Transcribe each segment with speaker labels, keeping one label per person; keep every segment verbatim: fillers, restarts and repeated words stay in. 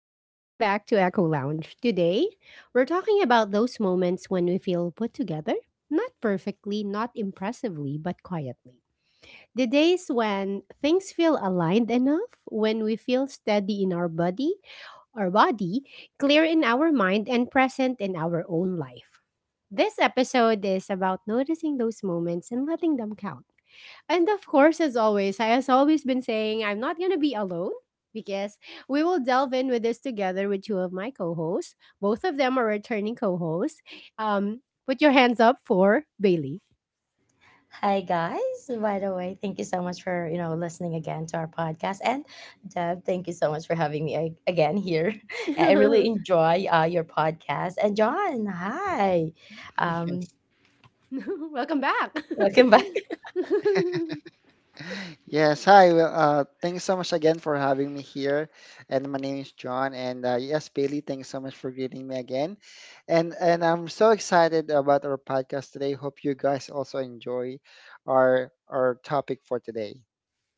Speaker 1: Welcome back to Echo Lounge. Today, we're talking about those moments when we feel put together, not perfectly, not impressively, but quietly. The days when things feel aligned enough, when we feel steady in our body, our body, clear in our mind and present in our own life. This episode is about noticing those moments and letting them count and of course, as always, I has always been saying I'm not gonna be alone because we will delve in with this together with two of my co-hosts. Both of them are returning co-hosts. Um, put your hands up for Bailey.
Speaker 2: Hi guys. By the way, thank you so much for, you know, listening again to our podcast. And Deb, thank you so much for having me ag- again here. I really enjoy uh, your podcast. And John, hi. Um
Speaker 3: Yes.
Speaker 1: Welcome back.
Speaker 2: welcome back.
Speaker 3: Yes. Hi. Well, uh, thanks so much again for having me here. And my name is John. And uh, yes, Bailey, thanks so much for greeting me again. And and I'm so excited about our podcast today. Hope you guys also enjoy our our topic for today.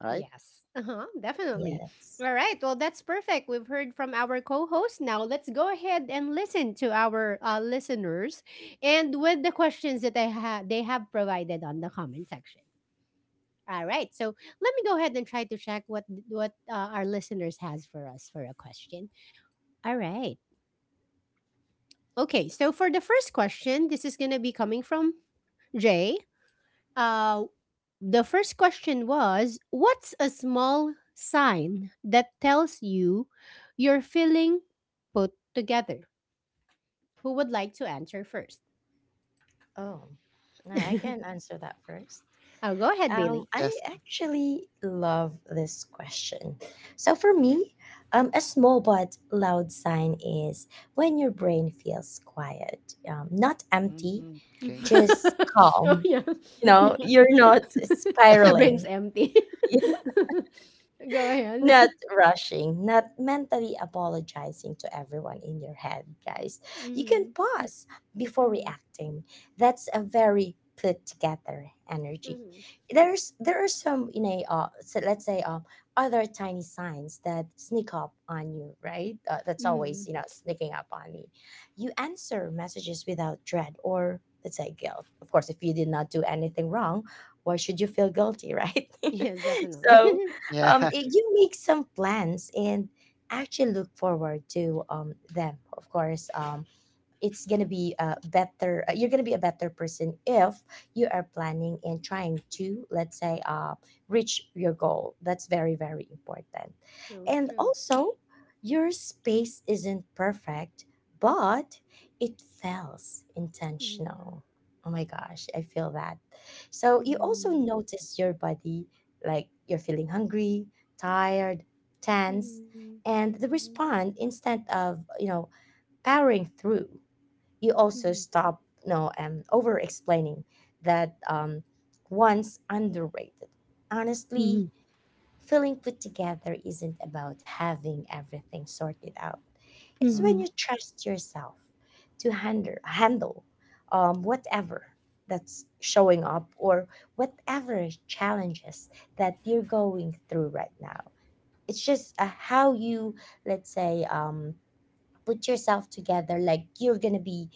Speaker 3: All right?
Speaker 1: Yes, uh-huh, definitely.
Speaker 2: Yes.
Speaker 1: All right. Well, that's perfect. We've heard from our co-host. Now let's go ahead and listen to our uh, listeners, and with the questions that they had, they have provided on the comment section. All right. So let me go ahead and try to check what what uh, our listeners has for us for a question. All right. Okay. So for the first question, this is going to be coming from Jay. Uh, the first question was, "What's a small sign that tells you you're feeling put together?" Who would like to answer first?
Speaker 2: Oh. I I can answer that first.
Speaker 1: I'll go ahead,
Speaker 3: Mhm.
Speaker 2: Um,
Speaker 1: Bailey.
Speaker 2: I
Speaker 3: Yes.
Speaker 2: actually love this question. So for me, um, a small but loud sign is when your brain feels quiet, um, not empty,
Speaker 3: Mhm. Okay.
Speaker 2: just
Speaker 1: Oh,
Speaker 2: calm.
Speaker 1: yeah.
Speaker 2: You know,
Speaker 1: Yeah.
Speaker 2: you're not
Speaker 1: The brain's
Speaker 2: spiraling.
Speaker 1: empty. Go ahead.
Speaker 2: not rushing, not mentally apologizing to everyone in your head, guys. You can
Speaker 1: Mhm.
Speaker 2: pause before
Speaker 1: Mhm.
Speaker 2: reacting. That's a very put together energy.
Speaker 1: Mhm.
Speaker 2: There's there are some you know uh, so let's say um other tiny signs that sneak up on you, right? Uh, that's always
Speaker 1: Mhm.
Speaker 2: you know sneaking up on me. You answer messages without dread or let's say guilt. Of course, if you did not do anything wrong, why should you feel guilty, right?
Speaker 1: Yes, definitely.
Speaker 2: So
Speaker 3: Yeah.
Speaker 2: um, y- you make some plans and actually look forward to um, them. Of course, um, it's gonna be a better uh, you're gonna be a better person if you are planning and trying to let's say uh, reach your goal. That's very very important.
Speaker 1: True,
Speaker 2: And
Speaker 1: true.
Speaker 2: also, your space isn't perfect, but it feels
Speaker 1: Mhm.
Speaker 2: intentional. Oh my gosh, I feel that. So you also
Speaker 1: Mhm.
Speaker 2: notice your body, like you're feeling hungry, tired, tense,
Speaker 1: Mhm.
Speaker 2: and the
Speaker 1: True.
Speaker 2: respond instead of you know powering through. You also
Speaker 1: Mhm.
Speaker 2: stop, no, know, um, over explaining. That um, one's underrated, honestly.
Speaker 1: Mhm.
Speaker 2: Feeling put together isn't about having everything sorted out. It's when
Speaker 1: Mhm.
Speaker 2: you trust yourself to handle handle um, whatever that's showing up, or whatever challenges that you're going through right now. It's just uh, how you let's say um, put yourself together, like you're gonna be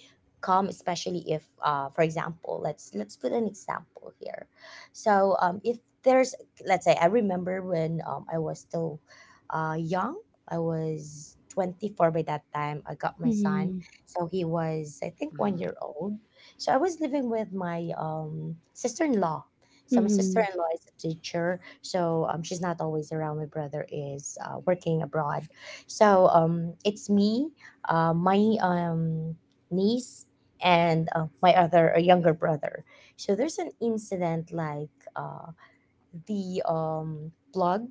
Speaker 2: calm, especially if uh, for example, let's let's put an example here. So um, if there's, let's say, I remember when um, I was still uh, young. I was twenty-four by that time. I got my son,
Speaker 1: Mhm.
Speaker 2: so he was, I think, one
Speaker 3: Mm-hmm.
Speaker 2: year old. So I was living with my um, sister-in-law. So my
Speaker 1: Mhm.
Speaker 2: sister-in-law is a teacher, so um, she's not always around. My brother is uh, working abroad. So um, it's me, uh, my um, niece, and uh, my other uh, younger brother. So there's an incident like, uh, the um, plug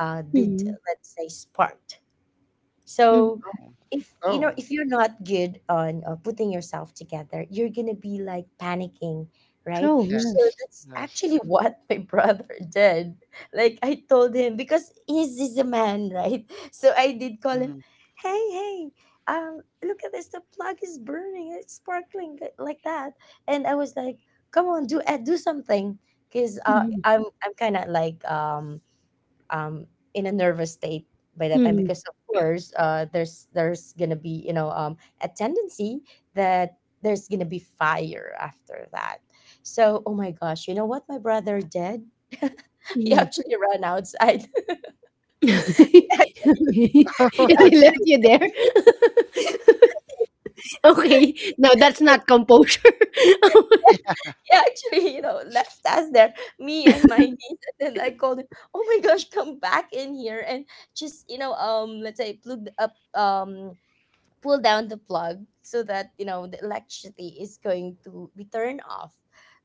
Speaker 2: uh, did,
Speaker 1: Mhm.
Speaker 2: let's say, spark.
Speaker 1: Mhm.
Speaker 2: So
Speaker 3: Oh,
Speaker 2: if you know
Speaker 3: Oh.
Speaker 2: if you're not good on uh, putting yourself together, you're gonna be like panicking, right?
Speaker 1: True,
Speaker 2: So
Speaker 1: yes.
Speaker 3: Yes.
Speaker 2: that's
Speaker 3: yes.
Speaker 2: actually what my brother did. Like I told him because he's, he's a man, right? So I did call him,
Speaker 3: Mhm.
Speaker 2: hey, hey, um, look at this, the plug is burning, it's sparkling li- like that, and I was like, come on, do uh, do something, cause uh,
Speaker 1: Mhm.
Speaker 2: I'm I'm kind of like um um, in a nervous state by that time
Speaker 1: Mhm.
Speaker 2: because of course uh, there's there's gonna be you know um, a tendency that there's gonna be fire after that. So oh my gosh, you know what my brother did? He
Speaker 1: Mhm.
Speaker 2: actually ran outside. actually,
Speaker 1: And he left
Speaker 2: actually,
Speaker 1: you there? Okay. No, that's not composure.
Speaker 2: he actually, you know, left us there, me and my niece. And then I called him, oh my gosh, come back in here and just, you know, um, let's say plug up um pull down the plug so that you know the electricity is going to be turned off.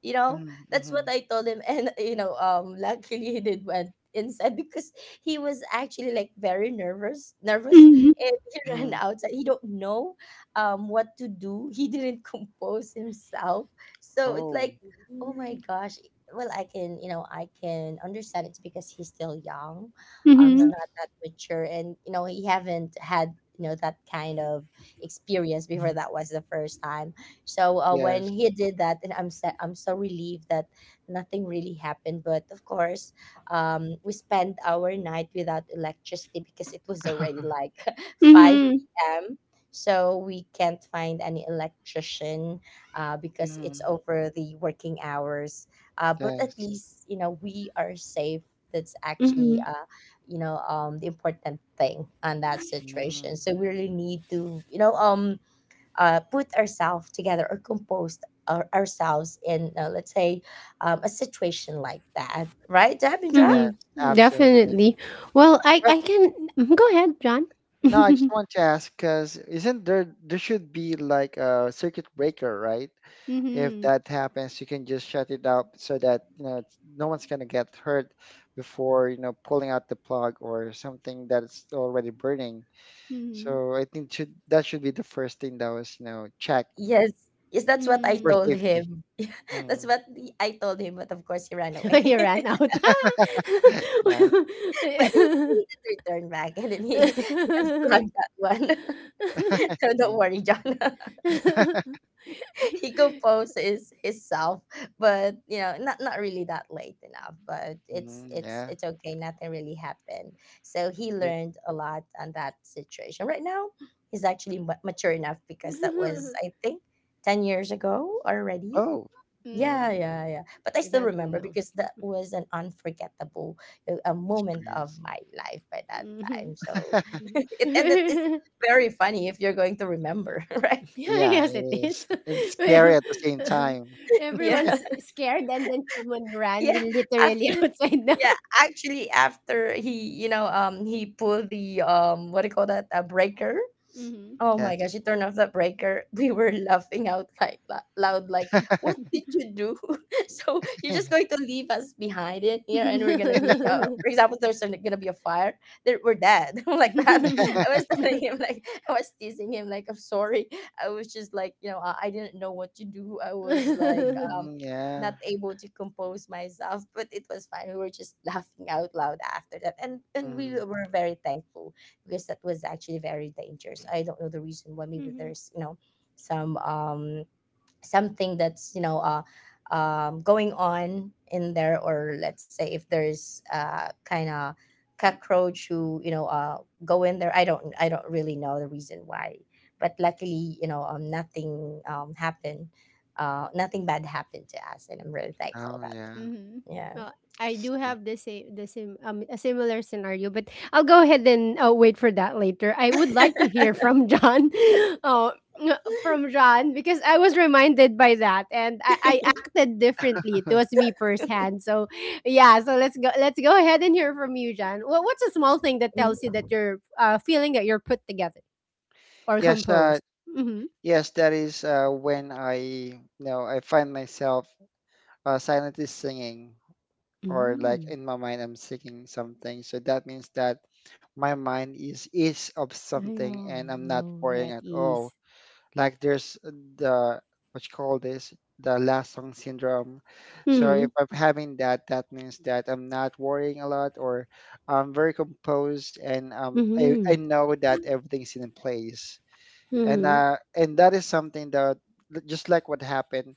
Speaker 2: You know, that's
Speaker 3: hmm
Speaker 2: what I told him. And you know um luckily he did went inside because he was actually like very nervous nervous,
Speaker 1: Mhm,
Speaker 2: and he ran
Speaker 3: Mm-hmm.
Speaker 2: outside. He don't know um what to do. He didn't compose himself. So it's
Speaker 3: Oh,
Speaker 2: like oh my gosh. Well, i can you know i can understand. It's because he's still young, um he's
Speaker 1: mhm,
Speaker 2: not that mature, and you know he haven't had you know that kind of experience before. That was the first time. So uh, when
Speaker 3: yes.
Speaker 2: he did that, and I'm so, I'm so relieved that nothing really happened. But of course, um, we spent our night without electricity because it was already like five
Speaker 1: mhm,
Speaker 2: p.m. So we can't find any electrician uh, because
Speaker 3: hmm
Speaker 2: it's over the working hours. Uh, but at
Speaker 3: Yes.
Speaker 2: least you know we are safe. That's actually
Speaker 1: mhm,
Speaker 2: uh, you know um the important thing on that
Speaker 3: Mm,
Speaker 2: situation, so we really need to you know um uh put ourselves together, or compose our, ourselves in, uh, let's say, um a situation like that, right, Javindra?
Speaker 3: yes,
Speaker 1: mhm.
Speaker 3: absolutely.
Speaker 1: Definitely. Well, I
Speaker 3: But
Speaker 1: I can mm, go ahead, John.
Speaker 3: no, I just want to ask because isn't there there should be like a circuit breaker, right? If
Speaker 1: Mhm,
Speaker 3: that happens, you can just shut it up so that you know it's- no one's gonna get hurt before you know pulling out the plug or something that's already burning.
Speaker 1: mhm,
Speaker 3: So I think should that should be the first thing that was you know check
Speaker 2: Yes, yes, that's what I
Speaker 3: for
Speaker 1: mhm.
Speaker 2: told
Speaker 3: safety.
Speaker 2: him. Yeah,
Speaker 3: Mm,
Speaker 2: that's what the, i told him, but of course he ran away.
Speaker 1: He ran
Speaker 2: But
Speaker 1: out.
Speaker 3: yeah,
Speaker 2: he, he did return back, and then he, he unplugged that one.
Speaker 3: I
Speaker 2: So don't
Speaker 3: think.
Speaker 2: worry, John. He composes himself, but you know not not really that late enough, but it's
Speaker 3: Mm,
Speaker 2: it's
Speaker 3: yeah.
Speaker 2: it's okay. Nothing really happened. So he
Speaker 3: Right.
Speaker 2: learned a lot on that situation. Right now he's actually ma- mature enough because that was, I think, ten years ago already.
Speaker 3: Oh.
Speaker 2: Yeah,
Speaker 3: Mm,
Speaker 1: Mm,
Speaker 2: yeah, yeah, but I
Speaker 1: it
Speaker 2: still
Speaker 1: has been
Speaker 2: remember
Speaker 1: no.
Speaker 2: because that was an unforgettable uh, a moment of
Speaker 3: experience.
Speaker 2: my life by that
Speaker 1: Mhm.
Speaker 2: time, so it and it's very funny if you're going to remember, right?
Speaker 3: Yeah,
Speaker 1: Yes,
Speaker 3: it
Speaker 1: it
Speaker 3: is.
Speaker 1: is.
Speaker 3: And scary
Speaker 1: Well,
Speaker 3: at the same time.
Speaker 2: Yeah,
Speaker 1: everyone's scared, and then someone ran
Speaker 2: yeah, after
Speaker 1: literally outside now.
Speaker 2: yeah, actually after he you know um he pulled the, um what do you call that, a breaker. Oh my
Speaker 3: Yes.
Speaker 2: gosh, she turned off the breaker. We were laughing out like la- loud, like, what did you do? So you're just going to leave us behind in here, and we're gonna be, uh
Speaker 1: Mhm,
Speaker 2: for example, there's an- gonna be a fire, there we're dead. Like that.
Speaker 1: mhm.
Speaker 2: I was telling him like, I was teasing him, like, I'm sorry. I was just like, you know, I, I didn't know what to do. I was like um
Speaker 3: Mm, yeah.
Speaker 2: not able to compose myself, but it was fine. We were just laughing out loud after that. And and we
Speaker 3: Mm.
Speaker 2: were very thankful because that was actually very dangerous. I don't know the reason why. Maybe there's, you know some um something that's you know uh um going on in there, or let's say if there's uh kind of cockroach who you know uh go in there. I don't I don't really know the reason why, but luckily you know um nothing um happened. Uh, nothing bad happened to us, and I'm really thankful
Speaker 3: Oh,
Speaker 2: about it.
Speaker 3: yeah.
Speaker 2: Yeah.
Speaker 1: Well, I do
Speaker 3: See.
Speaker 1: have the same the same um a similar scenario, but I'll go ahead and uh, wait for that later. I would like to hear from John, uh, from John because I was reminded by that and I, I acted differently. It was me firsthand. So yeah, so let's go let's go ahead and hear from you, John. What what's a small thing that tells you that you're uh, feeling that you're put together or
Speaker 3: Yes, uh,
Speaker 1: composed? Mm-hmm.
Speaker 3: yes, that is uh, when I, you know, I find myself uh, silently singing, or like
Speaker 1: Hmm,
Speaker 3: in my mind, I'm singing something. So that means that my mind is is of something, and
Speaker 1: ayun.
Speaker 3: I'm not
Speaker 1: Oh, you're
Speaker 3: worrying
Speaker 1: at
Speaker 3: at all.
Speaker 1: ease.
Speaker 3: Like there's the what you call this, the last song syndrome. So if
Speaker 1: Mhm,
Speaker 3: I'm having that, that means that I'm not worrying a lot or I'm very composed and um, I,
Speaker 1: mhm,
Speaker 3: I know that everything's in place. And
Speaker 1: mhm,
Speaker 3: uh, and that is something that l- just like what happened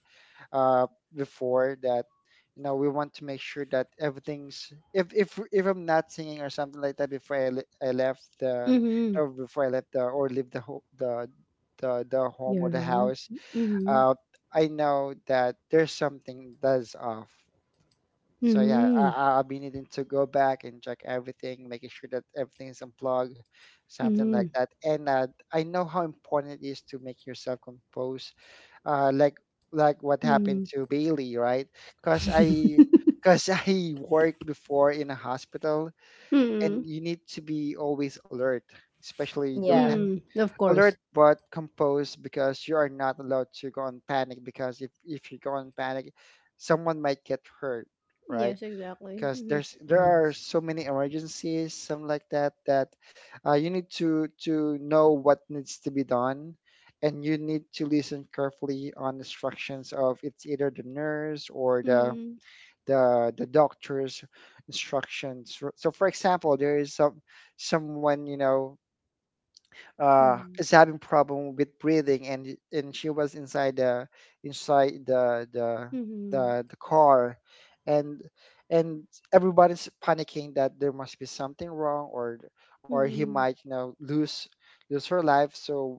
Speaker 3: uh, before that you know we want to make sure that everything's if if if I'm not singing or something like that before I, le- I left the
Speaker 1: mhm.
Speaker 3: or before I left the or leave the ho- the the the home or
Speaker 1: Your
Speaker 3: the
Speaker 1: home?
Speaker 3: house,
Speaker 1: Mhm,
Speaker 3: uh, I know that there's something that's off. So yeah, I,
Speaker 1: mhm,
Speaker 3: I- I'll be needing to go back and check everything, making sure that everything is unplugged, something like
Speaker 1: mhm,
Speaker 3: that. And uh, I know how important it is to make yourself compose uh, like like what happened
Speaker 1: mhm,
Speaker 3: to Bailey, right? Because I because I worked before in a hospital, and
Speaker 1: mhm,
Speaker 3: you need to be always alert, especially you don't
Speaker 2: Yeah.
Speaker 3: ha-
Speaker 1: mhm. Of course.
Speaker 3: alert but composed because you are not allowed to go on panic because if if you go on panic, someone might get hurt, right?
Speaker 1: Yes, exactly.
Speaker 3: Because
Speaker 1: Mhm,
Speaker 3: there's there are
Speaker 2: Yes.
Speaker 3: so many emergencies, something like that, that uh, you need to to know what needs to be done, and you need to listen carefully on instructions of it's either the nurse or the
Speaker 1: mhm,
Speaker 3: the the doctor's instructions. So, so for example, there is some someone you know uh,
Speaker 1: mhm,
Speaker 3: is having problem with breathing, and y- and she was inside the inside the the the,
Speaker 1: mhm,
Speaker 3: the car, and and everybody's panicking that there must be something wrong or or he
Speaker 1: mhm,
Speaker 3: might you know lose lose her life. So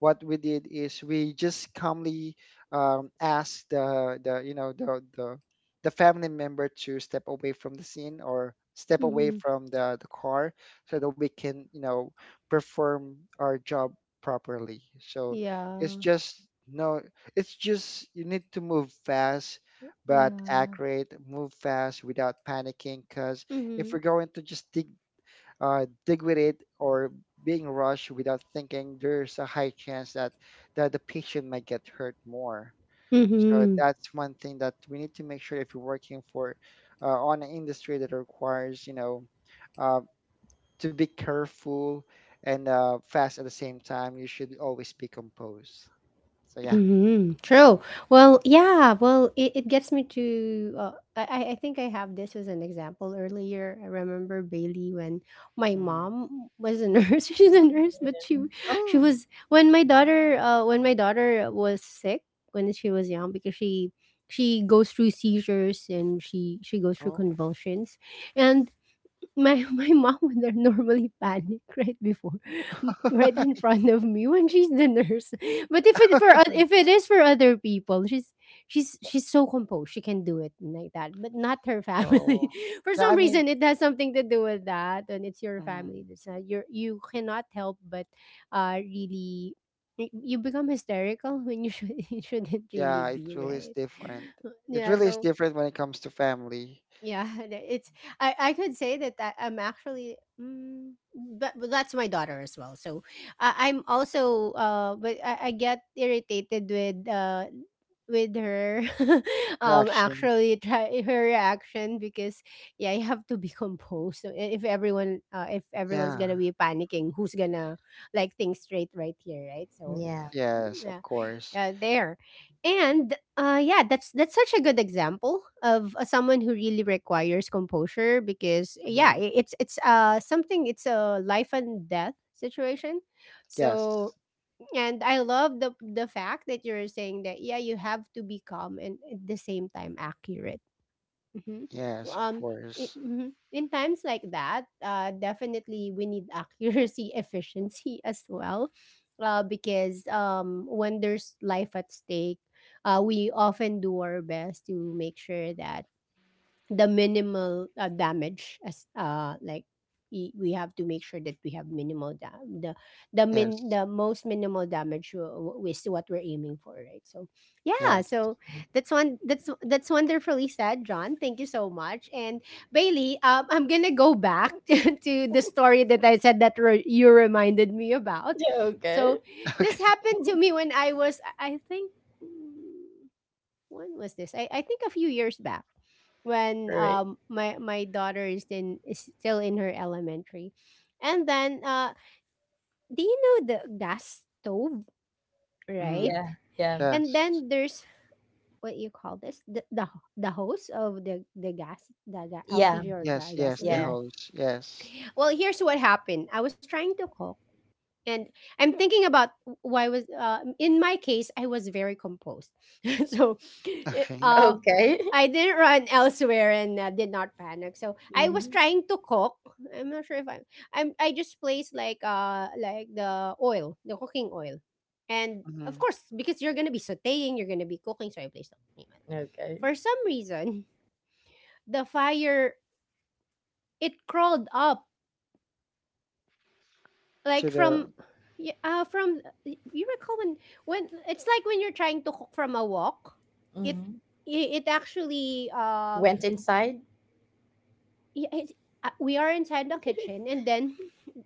Speaker 3: what we did is we just calmly um, asked the, the you know the, the the family member to step away from the scene or step away
Speaker 1: mhm.
Speaker 3: from the, the car so that we can you know perform our job properly. So it's
Speaker 1: Yeah,
Speaker 3: just no, it's just you need to move fast but
Speaker 1: yeah.
Speaker 3: accurate. Move fast without panicking because if
Speaker 1: Mhm,
Speaker 3: we're going to just dig uh, dig with it or being rushed without thinking, there's a high chance that, that the patient might get hurt more. So
Speaker 1: mhm.
Speaker 3: that's one thing that we need to make sure if you're working for uh, on an industry that requires, you know, uh, to be careful and uh, fast at the same time, you should always be composed. So yeah.
Speaker 1: Hmm, true. Well, yeah. Well, it, it gets me to. Uh, I I I think I have this as an example earlier. I remember Bailey when my
Speaker 3: Mm.
Speaker 1: mom was a nurse. She's a nurse, but she she
Speaker 3: Oh,
Speaker 1: was when my daughter uh when my daughter was sick when she was young because she she goes through seizures and she she goes through
Speaker 3: oh,
Speaker 1: convulsions, and my my mom would are normally panic right before, m- right in front of me when she's the nurse. But if it for oth- if it is for other people, she's she's she's so composed. She can do it like that, but not her family.
Speaker 3: oh.
Speaker 1: For
Speaker 3: Yeah, I
Speaker 1: some
Speaker 3: mean,
Speaker 1: reason, it has something to do with that. When it's your
Speaker 3: mm,
Speaker 1: family, that's not your you cannot help but uh really. Y- You become hysterical when you should you shouldn't really
Speaker 3: yeah, it
Speaker 1: be
Speaker 3: really is
Speaker 1: right.
Speaker 3: different. It
Speaker 1: Yeah,
Speaker 3: really is
Speaker 1: so
Speaker 3: different when it comes to family.
Speaker 1: yeah, the- it's I I could say that that I'm actually mm, but, but that's my daughter as well. So I, I'm also uh but I, I get irritated with uh with her um
Speaker 3: Reaction.
Speaker 1: actually try her reaction because yeah you have to be composed so I- if everyone uh, if everyone's
Speaker 3: Yeah.
Speaker 1: gonna be panicking who's gonna like think straight right here right so
Speaker 2: Yeah.
Speaker 1: mm,
Speaker 3: Yes, of
Speaker 1: yeah
Speaker 3: course.
Speaker 1: yeah there and uh yeah that's that's such a good example of uh, someone who really requires composure because yeah
Speaker 3: Mhm.
Speaker 1: I- it's it's uh something it's a life and death situation
Speaker 3: Yes.
Speaker 1: so and I love the the fact that you're saying that yeah you have to be calm and at the same time accurate. Mhm.
Speaker 3: Yes, of
Speaker 1: Um, I
Speaker 3: course.
Speaker 1: mhm. In times like that, uh, definitely we need accuracy, efficiency as well, uh, because um, when there's life at stake, uh, we often do our best to make sure that the minimal uh, damage as uh like I- we have to make sure that we have minimal da- the the
Speaker 3: Yes.
Speaker 1: min the most minimal damage w- w- is what we're aiming for right so yeah
Speaker 3: Yes.
Speaker 1: so that's one that's that's wonderfully said John, thank you so much and Bailey, um, I'm gonna go back to, to the story that I said that re- you reminded me about.
Speaker 2: Yeah, okay.
Speaker 1: So
Speaker 3: Okay.
Speaker 1: this happened to me when i was i I think when was this? I, I think a few years back when
Speaker 2: Right.
Speaker 1: um my my daughter is in is still in her elementary. And then uh do you know the gas stove, right?
Speaker 3: Mhm.
Speaker 2: Yeah, yeah,
Speaker 1: And
Speaker 3: Yes.
Speaker 1: then there's what you call this the the, the hose of the the gas the, the
Speaker 2: yeah,
Speaker 1: L P G or
Speaker 3: Yes,
Speaker 1: ga-
Speaker 3: yes, the
Speaker 1: gasoline.
Speaker 2: yeah.
Speaker 3: host. Yes.
Speaker 1: Well, here's what happened. I was trying to cook and I'm thinking about why was uh, in my case I was very composed. So eh,
Speaker 3: Okay.
Speaker 1: uh,
Speaker 2: Okay.
Speaker 1: I didn't run elsewhere and uh, did not panic. So I was
Speaker 2: Mhm.
Speaker 1: trying to cook. I'm not sure if I'm. I'm. I just placed like uh like the oil, the cooking oil, and of
Speaker 3: Mm-hmm.
Speaker 1: course because you're gonna be sautéing, you're gonna be cooking, so I placed the cooking oil.
Speaker 2: Okay.
Speaker 1: For some reason, the fire it crawled up
Speaker 3: To
Speaker 1: like
Speaker 3: the
Speaker 1: from yeah uh, from y- you recall when when it's like when you're trying to cook from a wok, it
Speaker 2: Mhm.
Speaker 1: it, it actually uh
Speaker 2: Went inside?
Speaker 1: yeah it's, uh, we are inside the kitchen and then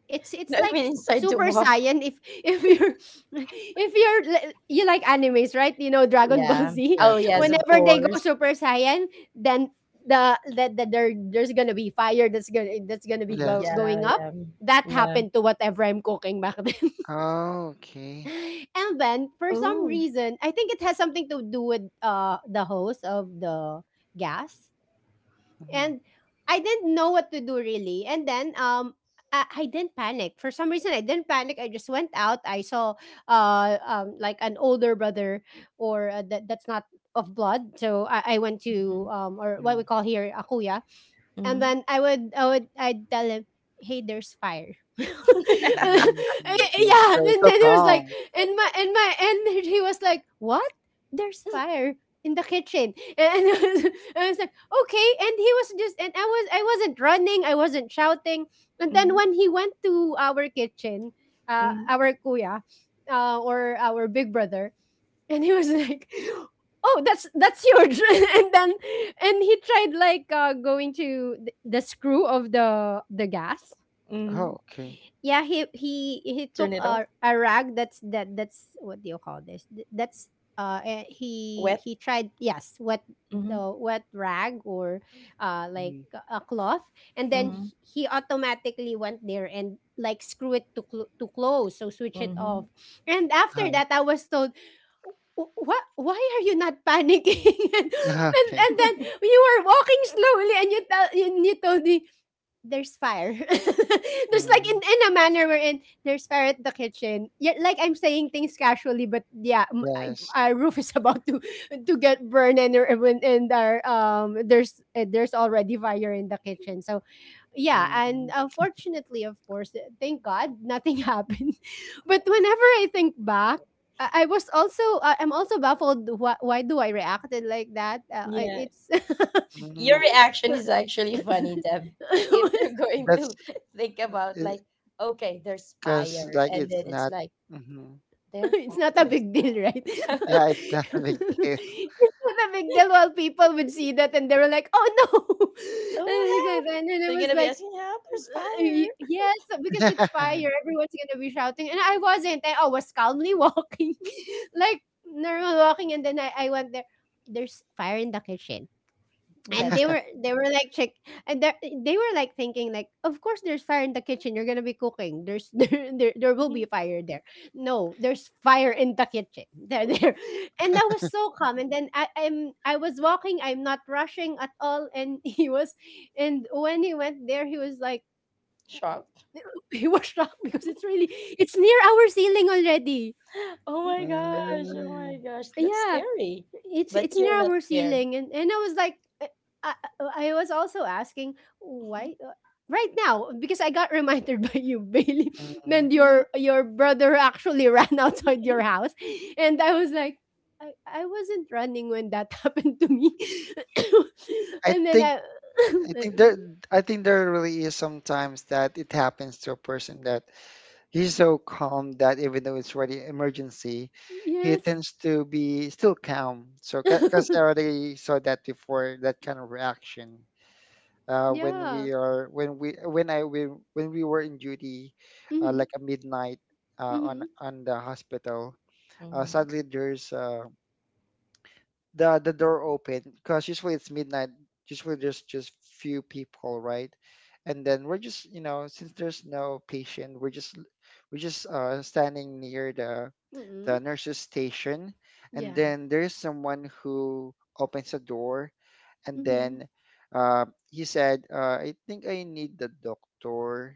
Speaker 1: it's it's
Speaker 2: No, I
Speaker 1: like
Speaker 2: mean inside to
Speaker 1: super
Speaker 2: walk.
Speaker 1: saiyan if if you're if you're li- you like animes right you know Dragon Ball
Speaker 2: Yeah.
Speaker 1: Z
Speaker 2: Oh,
Speaker 3: yes,
Speaker 2: yes,
Speaker 3: yes,
Speaker 2: of
Speaker 1: whenever they go
Speaker 2: course.
Speaker 1: super saiyan then the that the, the, there there's gonna be fire that's gonna that's gonna be go,
Speaker 3: yes.
Speaker 2: Yeah,
Speaker 1: going up
Speaker 2: yeah,
Speaker 1: that
Speaker 2: yeah.
Speaker 1: happened to whatever I'm cooking back then
Speaker 3: Oh, okay.
Speaker 1: and then for some
Speaker 2: Oh.
Speaker 1: reason I think it has something to do with uh the hose of the gas and
Speaker 3: Mm-hmm.
Speaker 1: I didn't know what to do really. And then um I, I didn't panic. For some reason I didn't panic. I just went out. I saw uh um like an older brother or uh, that that's not of blood. So I, I went to
Speaker 2: Mhm.
Speaker 1: um or what
Speaker 3: Mm-hmm.
Speaker 1: we call here a kuya, and
Speaker 2: Mhm.
Speaker 1: then I would I would I'd tell him, "Hey, there's fire." Yeah,
Speaker 3: Mm-hmm. Okay. So it's
Speaker 1: and
Speaker 3: so
Speaker 1: then he was like,
Speaker 3: calm.
Speaker 1: and my and my and he was like, "What? There's fire." In the kitchen, and I was, I was like, okay. And he was just, and I was, I wasn't running, I wasn't shouting. And then
Speaker 2: Mhm.
Speaker 1: when he went to our kitchen, uh,
Speaker 2: Mhm.
Speaker 1: our kuya, uh, or our big brother, and he was like oh that's that's huge and then and he tried like uh going to th- the screw of the the gas.
Speaker 2: Mhm.
Speaker 3: Oh, okay.
Speaker 1: Yeah, he he he
Speaker 2: Turn
Speaker 1: took
Speaker 2: it off.
Speaker 1: a a rag that's that that's what do you call this? Th- that's uh eh, he
Speaker 2: Wet.
Speaker 1: he tried yes, wet
Speaker 2: Mhm.
Speaker 1: the wet rag or uh like
Speaker 3: Mm-hmm.
Speaker 1: a a cloth and then
Speaker 2: Mhm.
Speaker 1: h- he automatically went there and like screw it to cl- to close so switch it off.
Speaker 2: Mhm.
Speaker 1: And after
Speaker 3: Hi.
Speaker 1: that I was told what why are you not panicking and, and
Speaker 3: Okay.
Speaker 1: and then you were walking slowly and you tell and you told me there's fire. There's like in,
Speaker 3: Mm-hmm.
Speaker 1: in a manner wherein there's fire at the kitchen. Yeah, like I'm saying things casually, but yeah, m- I-
Speaker 3: Yes.
Speaker 1: our roof is about to to get burned, and there- and and our um there's uh, there's already fire in the kitchen. So yeah,
Speaker 3: Mm-hmm.
Speaker 1: and unfortunately, of course, uh, thank God nothing happened. But whenever I think back. I I was also uh, I'm also baffled. Why, why do I reacted like that? Uh, I-
Speaker 2: Yeah.
Speaker 1: it's
Speaker 2: Your
Speaker 3: Mm-hmm.
Speaker 2: reaction is actually funny, Deb. If you're going
Speaker 3: That's
Speaker 2: to think
Speaker 3: uh,
Speaker 2: about like, okay, there's
Speaker 3: because
Speaker 2: fire,
Speaker 3: like it's
Speaker 2: and then
Speaker 3: not,
Speaker 2: it's like
Speaker 3: hmm
Speaker 2: they're
Speaker 1: it's
Speaker 2: fire.
Speaker 1: not
Speaker 3: yeah.
Speaker 1: a
Speaker 2: There's
Speaker 1: big deal, right? It's
Speaker 2: fire.
Speaker 3: Yeah, it's not a big deal.
Speaker 1: not a big deal while people would see that and they were like, oh no.
Speaker 2: Oh no,
Speaker 1: And, because,
Speaker 2: help!
Speaker 1: and then I
Speaker 2: They're
Speaker 1: was
Speaker 2: gonna be
Speaker 1: like,
Speaker 2: asking help. There's
Speaker 1: "Uh,
Speaker 2: fire.
Speaker 1: y- yes, because it's fire. Everyone's going to be shouting. And I wasn't. I, I was calmly walking, like normal walking. And then I, I went there. There's fire in the kitchen,
Speaker 2: Fire.
Speaker 1: and
Speaker 2: That's
Speaker 1: they
Speaker 2: it.
Speaker 1: were they were like, check. And they they were like thinking, like, of course there's fire in the kitchen, you're gonna be cooking, there's there there, there will be fire there. No, there's fire in the kitchen. there there And that was so calm. And then I, I'm I was walking, I'm not rushing at all. And he was. And when he went there, he was like,
Speaker 2: Shock.
Speaker 1: he was shocked because it's really, it's near our ceiling already.
Speaker 2: Oh
Speaker 1: Mm,
Speaker 2: my gosh. Oh
Speaker 3: mm
Speaker 2: my gosh. That's
Speaker 1: yeah.
Speaker 2: scary.
Speaker 1: it's
Speaker 2: But
Speaker 1: it's
Speaker 2: you're not
Speaker 1: narrower
Speaker 2: scared.
Speaker 1: ceiling. And and I was like, uh, I, I, I was also asking why uh, right now, because I got reminded by you, Bailey.
Speaker 3: mm.
Speaker 1: Then
Speaker 2: Mhm.
Speaker 1: your your brother actually ran outside your house, and I was like, I, I wasn't running when that happened to me.
Speaker 3: I
Speaker 1: And then
Speaker 3: think
Speaker 1: I
Speaker 3: I think there I think there really is sometimes that it happens to a person that he's so calm that even though it's already emergency, he
Speaker 1: yes.
Speaker 3: tends to be still calm. So because I already saw that before, that kind of reaction. Uh, when
Speaker 1: Yeah.
Speaker 3: we are when we when I we, When we were in duty, uh,
Speaker 1: Mhm.
Speaker 3: like a midnight uh, on
Speaker 1: Mhm.
Speaker 3: on the hospital. Uh,
Speaker 2: Mhm.
Speaker 3: suddenly there's uh, the the door open because usually it's midnight. Usually there's just few people, right? And then we're just you know since there's no patient, we're just we're just uh, standing near the the
Speaker 1: Mhm.
Speaker 3: nurse's station, and
Speaker 1: Yeah.
Speaker 3: then there's someone who opens a door and then
Speaker 1: Mhm.
Speaker 3: uh, he said, uh, "I think I need the doctor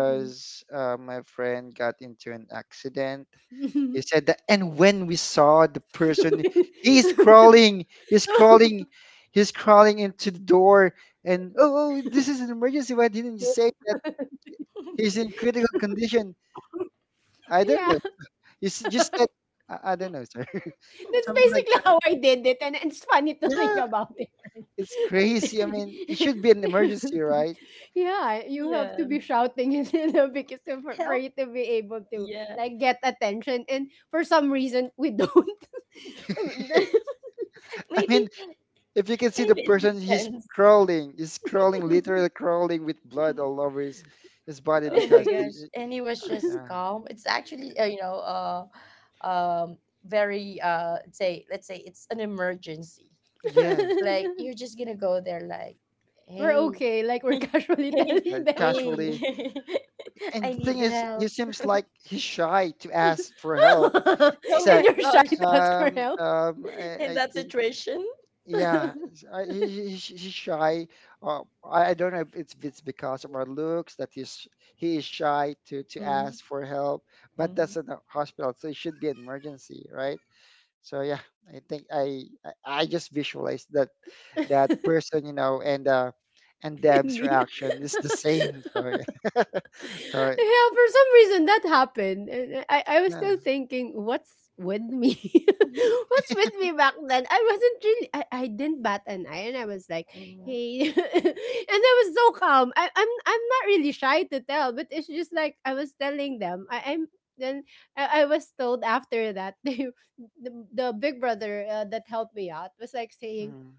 Speaker 1: Mhm.
Speaker 3: uh, my friend got into an accident." He said that, and when we saw the person, he's crawling, he's crawling, he's crawling into the door, and oh, oh, this is an emergency. Why didn't you say that he's in critical condition? I don't
Speaker 1: Yeah,
Speaker 3: know. You s- just said, I, I don't know, sir.
Speaker 1: that's
Speaker 3: Something like
Speaker 1: basically how I did it, and it's funny to
Speaker 3: that.
Speaker 1: think
Speaker 3: Yeah,
Speaker 1: about it,
Speaker 3: it's crazy. I mean, it
Speaker 1: right?
Speaker 3: should be an emergency, right?
Speaker 1: Yeah, you have to
Speaker 2: Yeah.
Speaker 1: be shouting in the because for, for
Speaker 2: Help.
Speaker 1: you to be able to
Speaker 2: Yeah.
Speaker 1: like get attention, and for some reason we don't.
Speaker 3: I
Speaker 2: Maybe.
Speaker 3: mean, if you can see the
Speaker 2: Maybe it
Speaker 3: person he's
Speaker 2: depends.
Speaker 3: crawling he's crawling literally crawling with blood all over his his body
Speaker 2: Oh my
Speaker 3: because the-
Speaker 2: gosh. And he was
Speaker 3: uh,
Speaker 2: just
Speaker 3: yeah
Speaker 2: calm. It's actually, uh, you know, uh, um, very, uh, say, let's say it's an emergency.
Speaker 3: yes
Speaker 2: Like, you're just gonna go there, like,
Speaker 1: We're
Speaker 2: hey,
Speaker 1: okay, like we're casually
Speaker 2: hey,
Speaker 1: telling
Speaker 3: like
Speaker 1: them,
Speaker 3: casually.
Speaker 2: hey,
Speaker 3: And
Speaker 2: I
Speaker 3: the thing
Speaker 2: need
Speaker 3: is he
Speaker 2: help.
Speaker 3: seems like he's shy to ask for help.
Speaker 2: Oh
Speaker 3: He's
Speaker 1: and
Speaker 3: like
Speaker 2: my
Speaker 1: you're shy
Speaker 2: gosh.
Speaker 1: to ask for
Speaker 3: um
Speaker 1: help.
Speaker 3: um i,
Speaker 2: In
Speaker 3: I
Speaker 2: that
Speaker 3: think
Speaker 2: situation.
Speaker 3: yeah he's- uh, he, he, he's he's shy. uh, I, I don't know if it's, if it's because of our looks that he's he is shy to to
Speaker 2: Mhm,
Speaker 3: ask for help, but that's
Speaker 2: mhm,
Speaker 3: in a hospital so it should be an emergency right? So yeah, I think I I I just visualized that that
Speaker 1: And
Speaker 3: person, you know, and uh and Deb's
Speaker 1: me.
Speaker 3: reaction is the same. So yeah, so
Speaker 1: Yeah, for some reason that happened. And I, I was
Speaker 3: yeah.
Speaker 1: still thinking, what's with me? What's with me back then? I wasn't really, I, I didn't bat an eye, and I was like,
Speaker 2: mhm.
Speaker 1: hey. And I was so calm. I, I'm, I'm not really shy to tell, but it's just like I was telling them, I, I'm, then I, I was told after that, the, the, the big brother uh, that helped me out was like saying,
Speaker 3: Mm,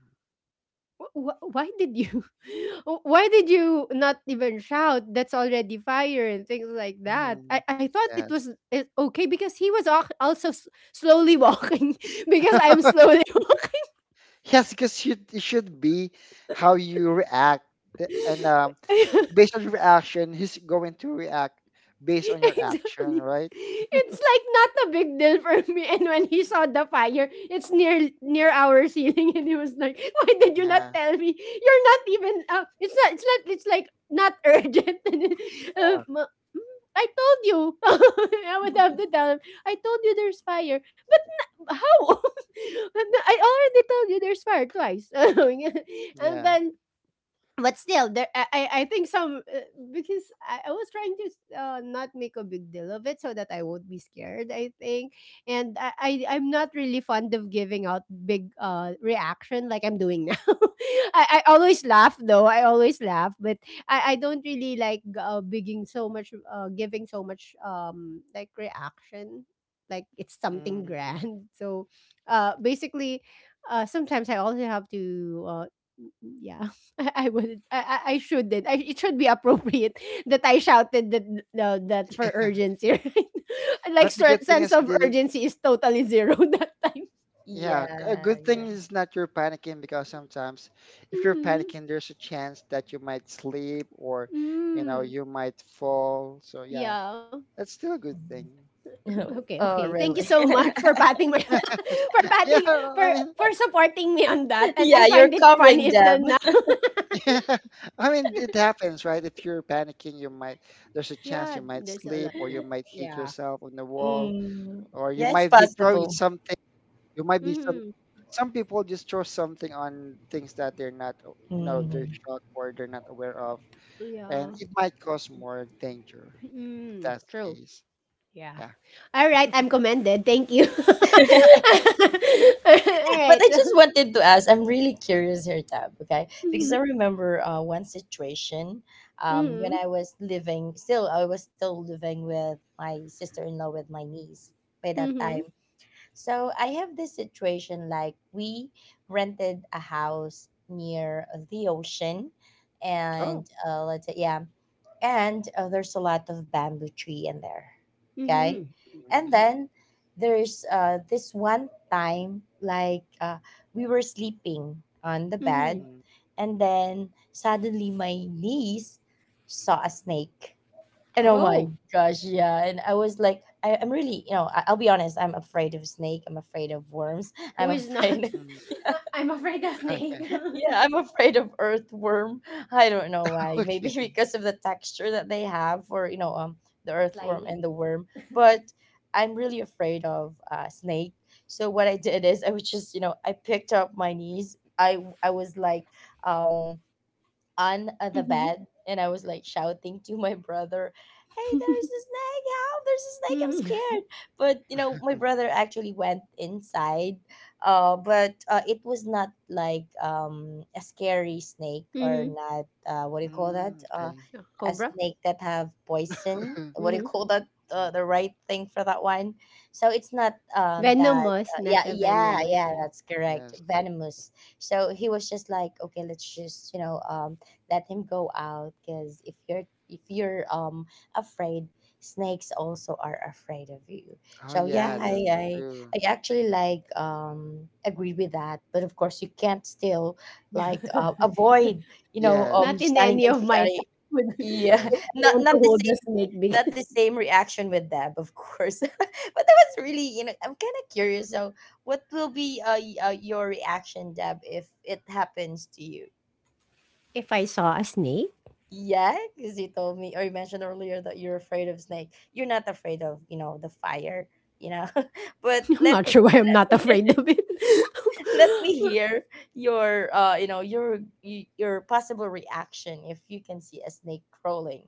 Speaker 1: Wh- why did you wh- why did you not even shout, that's already fire and things like that. i,
Speaker 3: mm,
Speaker 1: I thought it was
Speaker 3: yes,
Speaker 1: it, okay, because he was al- also s- slowly walking. Because I'm slowly
Speaker 3: yes, because should it should be how you react, th- and um based on your reaction, he's going to react based on your action,
Speaker 1: exactly.
Speaker 3: right?
Speaker 1: It's like not a big deal for me. And when he saw the fire, it's near near our ceiling, and he was like, "Why did you not
Speaker 3: Yeah,
Speaker 1: tell me? You're not even. Uh, it's not. It's not. It's like not urgent." And then, uh,
Speaker 3: yeah.
Speaker 1: ma- "Mm, I told you. I would have to tell him. I told you there's fire. How? I already told you there's fire twice." And
Speaker 3: Yeah.
Speaker 1: then, but still there, i i I think some, uh, because I, I was trying to uh, not make a big deal of it so that I won't be scared, I think. And i, I I'm not really fond of giving out big uh reaction like I'm doing now. I, I always laugh, though. I always laugh. But i i don't really like uh bigging so much, uh giving so much, um like, reaction, like it's something
Speaker 3: Mm.
Speaker 1: grand. So, uh basically, uh sometimes I also have to, uh yeah. i, I would, I, I I shouldn't, I, it should be appropriate that I shouted that. No, that, for urgency. Right. Like,
Speaker 3: But the
Speaker 1: cer-
Speaker 3: good thing
Speaker 1: sense
Speaker 3: is you
Speaker 1: of
Speaker 3: did.
Speaker 1: urgency is totally zero that time.
Speaker 3: Yeah, c- a
Speaker 2: Yeah,
Speaker 3: good
Speaker 2: yeah.
Speaker 3: thing is not you're panicking because sometimes if you're
Speaker 1: Mm.
Speaker 3: panicking, there's a chance that you might sleep or, you know,
Speaker 1: Mm.
Speaker 3: you might fall. So yeah,
Speaker 1: Yeah.
Speaker 3: that's still a good thing.
Speaker 2: Mhm.
Speaker 1: Okay,
Speaker 2: Oh,
Speaker 1: okay, thank you
Speaker 2: really?
Speaker 1: so much for patting my for
Speaker 3: Yeah,
Speaker 1: patting, for
Speaker 3: I mean,
Speaker 1: for supporting me on that, and I
Speaker 2: Yeah, you're
Speaker 1: find it funny
Speaker 2: covering them.
Speaker 1: even now.
Speaker 3: yeah, I mean, it happens, right? If you're panicking, you might, there's a chance
Speaker 1: Yeah,
Speaker 3: you might
Speaker 1: there's a
Speaker 3: sleep
Speaker 1: lot.
Speaker 3: or you might hit
Speaker 1: Yeah.
Speaker 3: yourself on the wall
Speaker 2: Mm.
Speaker 3: or you
Speaker 2: Yeah, it's
Speaker 3: might be throwing
Speaker 2: possible.
Speaker 3: something. You might be some,
Speaker 1: Mm-hmm.
Speaker 3: some people just throw something on things that they're not, you know, they're
Speaker 2: Mm.
Speaker 3: shocked or they're not aware of. And
Speaker 1: Yeah.
Speaker 3: it might cause more danger if
Speaker 1: Mm,
Speaker 3: that's the
Speaker 1: true.
Speaker 3: case.
Speaker 1: Yeah.
Speaker 3: Yeah.
Speaker 1: All right. I'm commended. Thank you. All
Speaker 2: But
Speaker 1: right.
Speaker 2: I just
Speaker 1: So,
Speaker 2: wanted to ask. I'm really curious here, Tab. Okay, because
Speaker 1: mm-hmm,
Speaker 2: I remember, uh, one situation, um, when
Speaker 1: mm-hmm,
Speaker 2: I was living. Still, I was still living with my sister-in-law with my niece by that
Speaker 1: mm-hmm,
Speaker 2: time. So I have this situation like we rented a house near uh, the ocean,
Speaker 3: Oh.
Speaker 2: and, uh, let's say, yeah, and uh, there's a lot of bamboo tree in there, okay,
Speaker 1: mm-hmm,
Speaker 3: Mm,
Speaker 2: and then there's, uh, this one time like, uh, we were sleeping on the bed,
Speaker 1: mm-hmm.
Speaker 3: mm.
Speaker 2: and then suddenly my niece saw a snake, and oh my
Speaker 3: Oh.
Speaker 1: Oh,
Speaker 2: gosh, yeah. And I was like, I, I'm really, you know, I, I'll be honest, I'm afraid of snake. I'm afraid of worms.
Speaker 1: who
Speaker 2: I'm
Speaker 1: is not?
Speaker 2: afraid,
Speaker 3: Mm.
Speaker 2: yeah,
Speaker 1: I'm afraid of snake.
Speaker 2: yeah, I'm afraid of earthworm. I don't know why. Maybe
Speaker 3: okay.
Speaker 2: because of the texture that they have for, you know, um, the earthworm
Speaker 1: Slimy.
Speaker 2: and the worm. But I'm really afraid of uh, snake. So what I did is I was just, you know, I picked up my niece. I I was like, um, on uh, the
Speaker 1: Mm-hmm.
Speaker 2: bed, and I was like shouting to my brother, hey, there's a snake! Help! There's a snake! I'm
Speaker 1: Mm-hmm.
Speaker 2: scared. But you know, my brother actually went inside. Uh, but uh, it was not like um a scary snake
Speaker 1: Mm-hmm.
Speaker 2: or not uh what do you call that?
Speaker 3: Mm,
Speaker 2: Uh,
Speaker 3: okay.
Speaker 1: Oh,
Speaker 2: a
Speaker 1: Cobra.
Speaker 2: snake that have poison. What do you
Speaker 1: Mm-hmm.
Speaker 2: call that? Uh, the right thing for that one. So it's not um that
Speaker 1: Venomous,
Speaker 2: uh, yeah
Speaker 1: not a
Speaker 2: yeah
Speaker 1: venomous.
Speaker 2: yeah
Speaker 1: Yeah.
Speaker 2: that's correct,
Speaker 3: yes.
Speaker 2: venomous. So he was just like, okay, let's just you know um let him go out, because if you're if you're um afraid, snakes also are afraid of you.
Speaker 3: Oh
Speaker 2: So yeah,
Speaker 3: yeah,
Speaker 2: i
Speaker 3: that's
Speaker 1: Mm.
Speaker 2: i,
Speaker 3: true.
Speaker 2: I actually like um agree with that, but of course you can't still like uh, avoid you know
Speaker 3: Yes.
Speaker 2: um
Speaker 1: Not in
Speaker 2: standing
Speaker 1: any
Speaker 2: and
Speaker 1: of my
Speaker 2: shouting.
Speaker 1: life would,
Speaker 2: Yeah.
Speaker 1: would
Speaker 3: Yes.
Speaker 1: I
Speaker 2: not
Speaker 1: want to
Speaker 2: not the
Speaker 1: hold a
Speaker 2: same,
Speaker 1: snake,
Speaker 2: not the
Speaker 1: because
Speaker 2: same reaction with them, of course. But that was really, you know I'm kind of curious, so what will be uh, y- uh your reaction, Deb, if it happens to you?
Speaker 1: if I saw a snake.
Speaker 2: Yeah, because you told me, or you mentioned earlier, that you're afraid of snake. You're not afraid of, you know, the fire, you know. But
Speaker 1: I'm
Speaker 2: let
Speaker 1: not sure why
Speaker 2: me
Speaker 1: I'm
Speaker 2: let
Speaker 1: not
Speaker 2: me,
Speaker 1: afraid of it.
Speaker 2: let me hear your uh you know your y- your possible reaction if you can see a snake crawling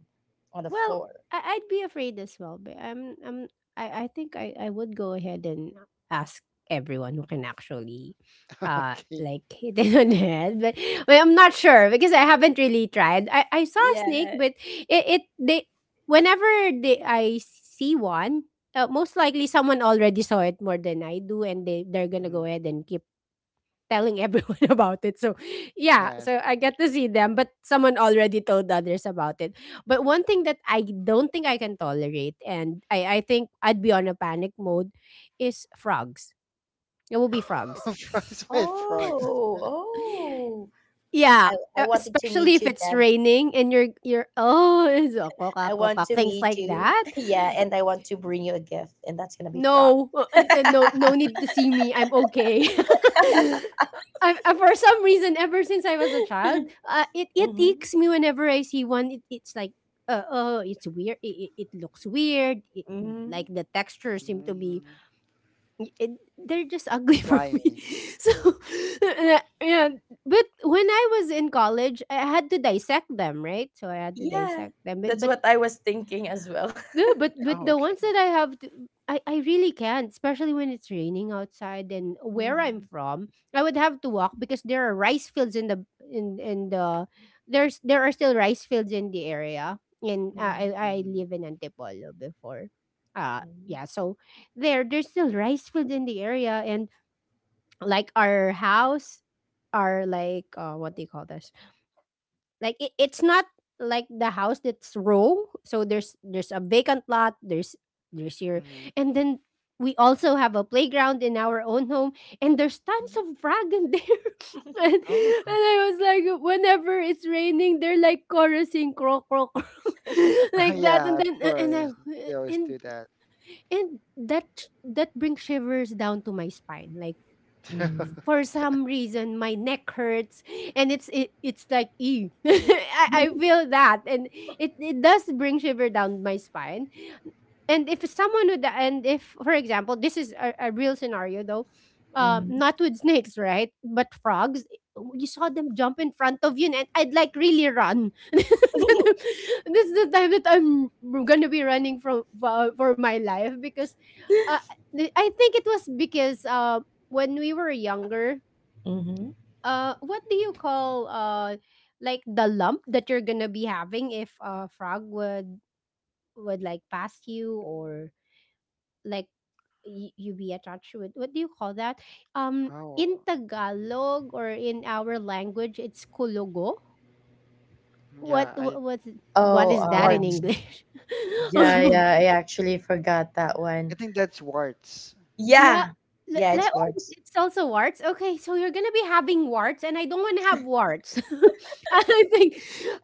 Speaker 2: on the
Speaker 1: Well,
Speaker 2: floor.
Speaker 1: I, I'd be afraid as well, but I'm, I'm I, I think I, I would go ahead and ask everyone who can actually uh
Speaker 3: okay.
Speaker 1: like hit it on the head. But, but I'm not sure because I haven't really tried. I, I saw a snake,
Speaker 2: Yeah.
Speaker 1: but it, it they whenever they I see one, uh, most likely someone already saw it more than I do, and they they're gonna go
Speaker 3: Mm,
Speaker 1: ahead and keep telling everyone about it. So, yeah,
Speaker 3: yes.
Speaker 1: so I get to see them, but someone already told others about it. But one thing that I don't think I can tolerate, and I, I think I'd be on a panic mode, is frogs. It will be frogs.
Speaker 3: frogs by
Speaker 2: Oh,
Speaker 3: frogs.
Speaker 2: oh.
Speaker 1: Yeah,
Speaker 2: I, I
Speaker 1: uh,
Speaker 2: wanted to
Speaker 1: especially
Speaker 2: meet
Speaker 1: if
Speaker 2: you,
Speaker 1: it's
Speaker 2: Deb.
Speaker 1: raining and you're you're oh, it's a
Speaker 2: I
Speaker 1: kokak,
Speaker 2: want
Speaker 1: kokak,
Speaker 2: to
Speaker 1: things
Speaker 2: meet
Speaker 1: like
Speaker 2: you.
Speaker 1: that.
Speaker 2: Yeah, and I want to bring you a gift, and that's gonna be frog.
Speaker 1: No, uh, uh, no, no need to see me. I'm okay. I, I, for some reason, ever since I was a child, uh, it it
Speaker 2: Mm-hmm.
Speaker 1: icks me whenever I see one. It, it's like, uh, oh, it's weird. It, it, it looks weird. It,
Speaker 2: Mm-hmm.
Speaker 1: like the texture seem to be,
Speaker 3: Mm,
Speaker 1: it, they're just ugly for me.
Speaker 3: slimy.
Speaker 1: So, and I- yeah. But when I was in college, I had to dissect them, right? So I had to
Speaker 2: Yeah,
Speaker 1: dissect them. But,
Speaker 2: that's
Speaker 1: but
Speaker 2: what I was thinking as well.
Speaker 1: no, but but
Speaker 3: Oh,
Speaker 1: the
Speaker 3: okay.
Speaker 1: ones that I have, to, I I really can't, especially when it's raining outside. And where I'm
Speaker 2: Mhm.
Speaker 1: from, I would have to walk because there are rice fields in the in in the there's there are still rice fields in the area. And uh, I
Speaker 2: Mhm.
Speaker 1: I
Speaker 3: Mm,
Speaker 1: live in Antipolo before, uh, yeah. So there there's still rice fields in the area, and like our house, our like uh what do you call this? Like it, it's not like the house that's row, so there's there's a vacant lot, there's there's your.
Speaker 3: mm.
Speaker 1: And then we also have a playground in our own home, and there's
Speaker 2: Mhm.
Speaker 1: tons
Speaker 2: Mhm.
Speaker 1: of frog in there. and,
Speaker 3: Oh,
Speaker 1: and i was like, whenever it's raining, they're like chorusing, croak, croak, croak, like that.
Speaker 3: yeah,
Speaker 1: And
Speaker 3: of
Speaker 1: then and
Speaker 3: course. They
Speaker 1: I,
Speaker 3: always
Speaker 1: and
Speaker 3: do that.
Speaker 1: and that, that brings shivers down to my spine, like for some reason my neck hurts, and it's it, it's like, ew. I I feel that, and it, it does bring shiver down my spine. And if someone would, and if for example, this is a, a real scenario, though, um, not with snakes, right, but frogs, you saw them jump in front of you, and I'd like really run. This is the time that I'm gonna be running from for, for my life, because, uh, I think it was because, uh, when we were younger,
Speaker 2: Mm-hmm.
Speaker 1: uh what do you call, uh like the lump that you're gonna be having if a frog would would like pass you or like y- you be attached with, what do you call that, um,
Speaker 3: oh,
Speaker 1: in Tagalog or in our language, it's kulugo. what
Speaker 3: Yeah, I
Speaker 1: what what
Speaker 2: Oh,
Speaker 1: is that in
Speaker 2: um,
Speaker 3: warts.
Speaker 1: English?
Speaker 2: yeah, yeah, I actually forgot that
Speaker 3: I
Speaker 2: one.
Speaker 3: think that's warts.
Speaker 1: Yeah,
Speaker 2: Yeah,
Speaker 1: le
Speaker 2: yeah,
Speaker 1: le
Speaker 2: it's
Speaker 3: Warts.
Speaker 1: oh,
Speaker 2: words.
Speaker 1: it's also warts? Okay, so you're gonna be having warts, and I don't wanna have warts. I think,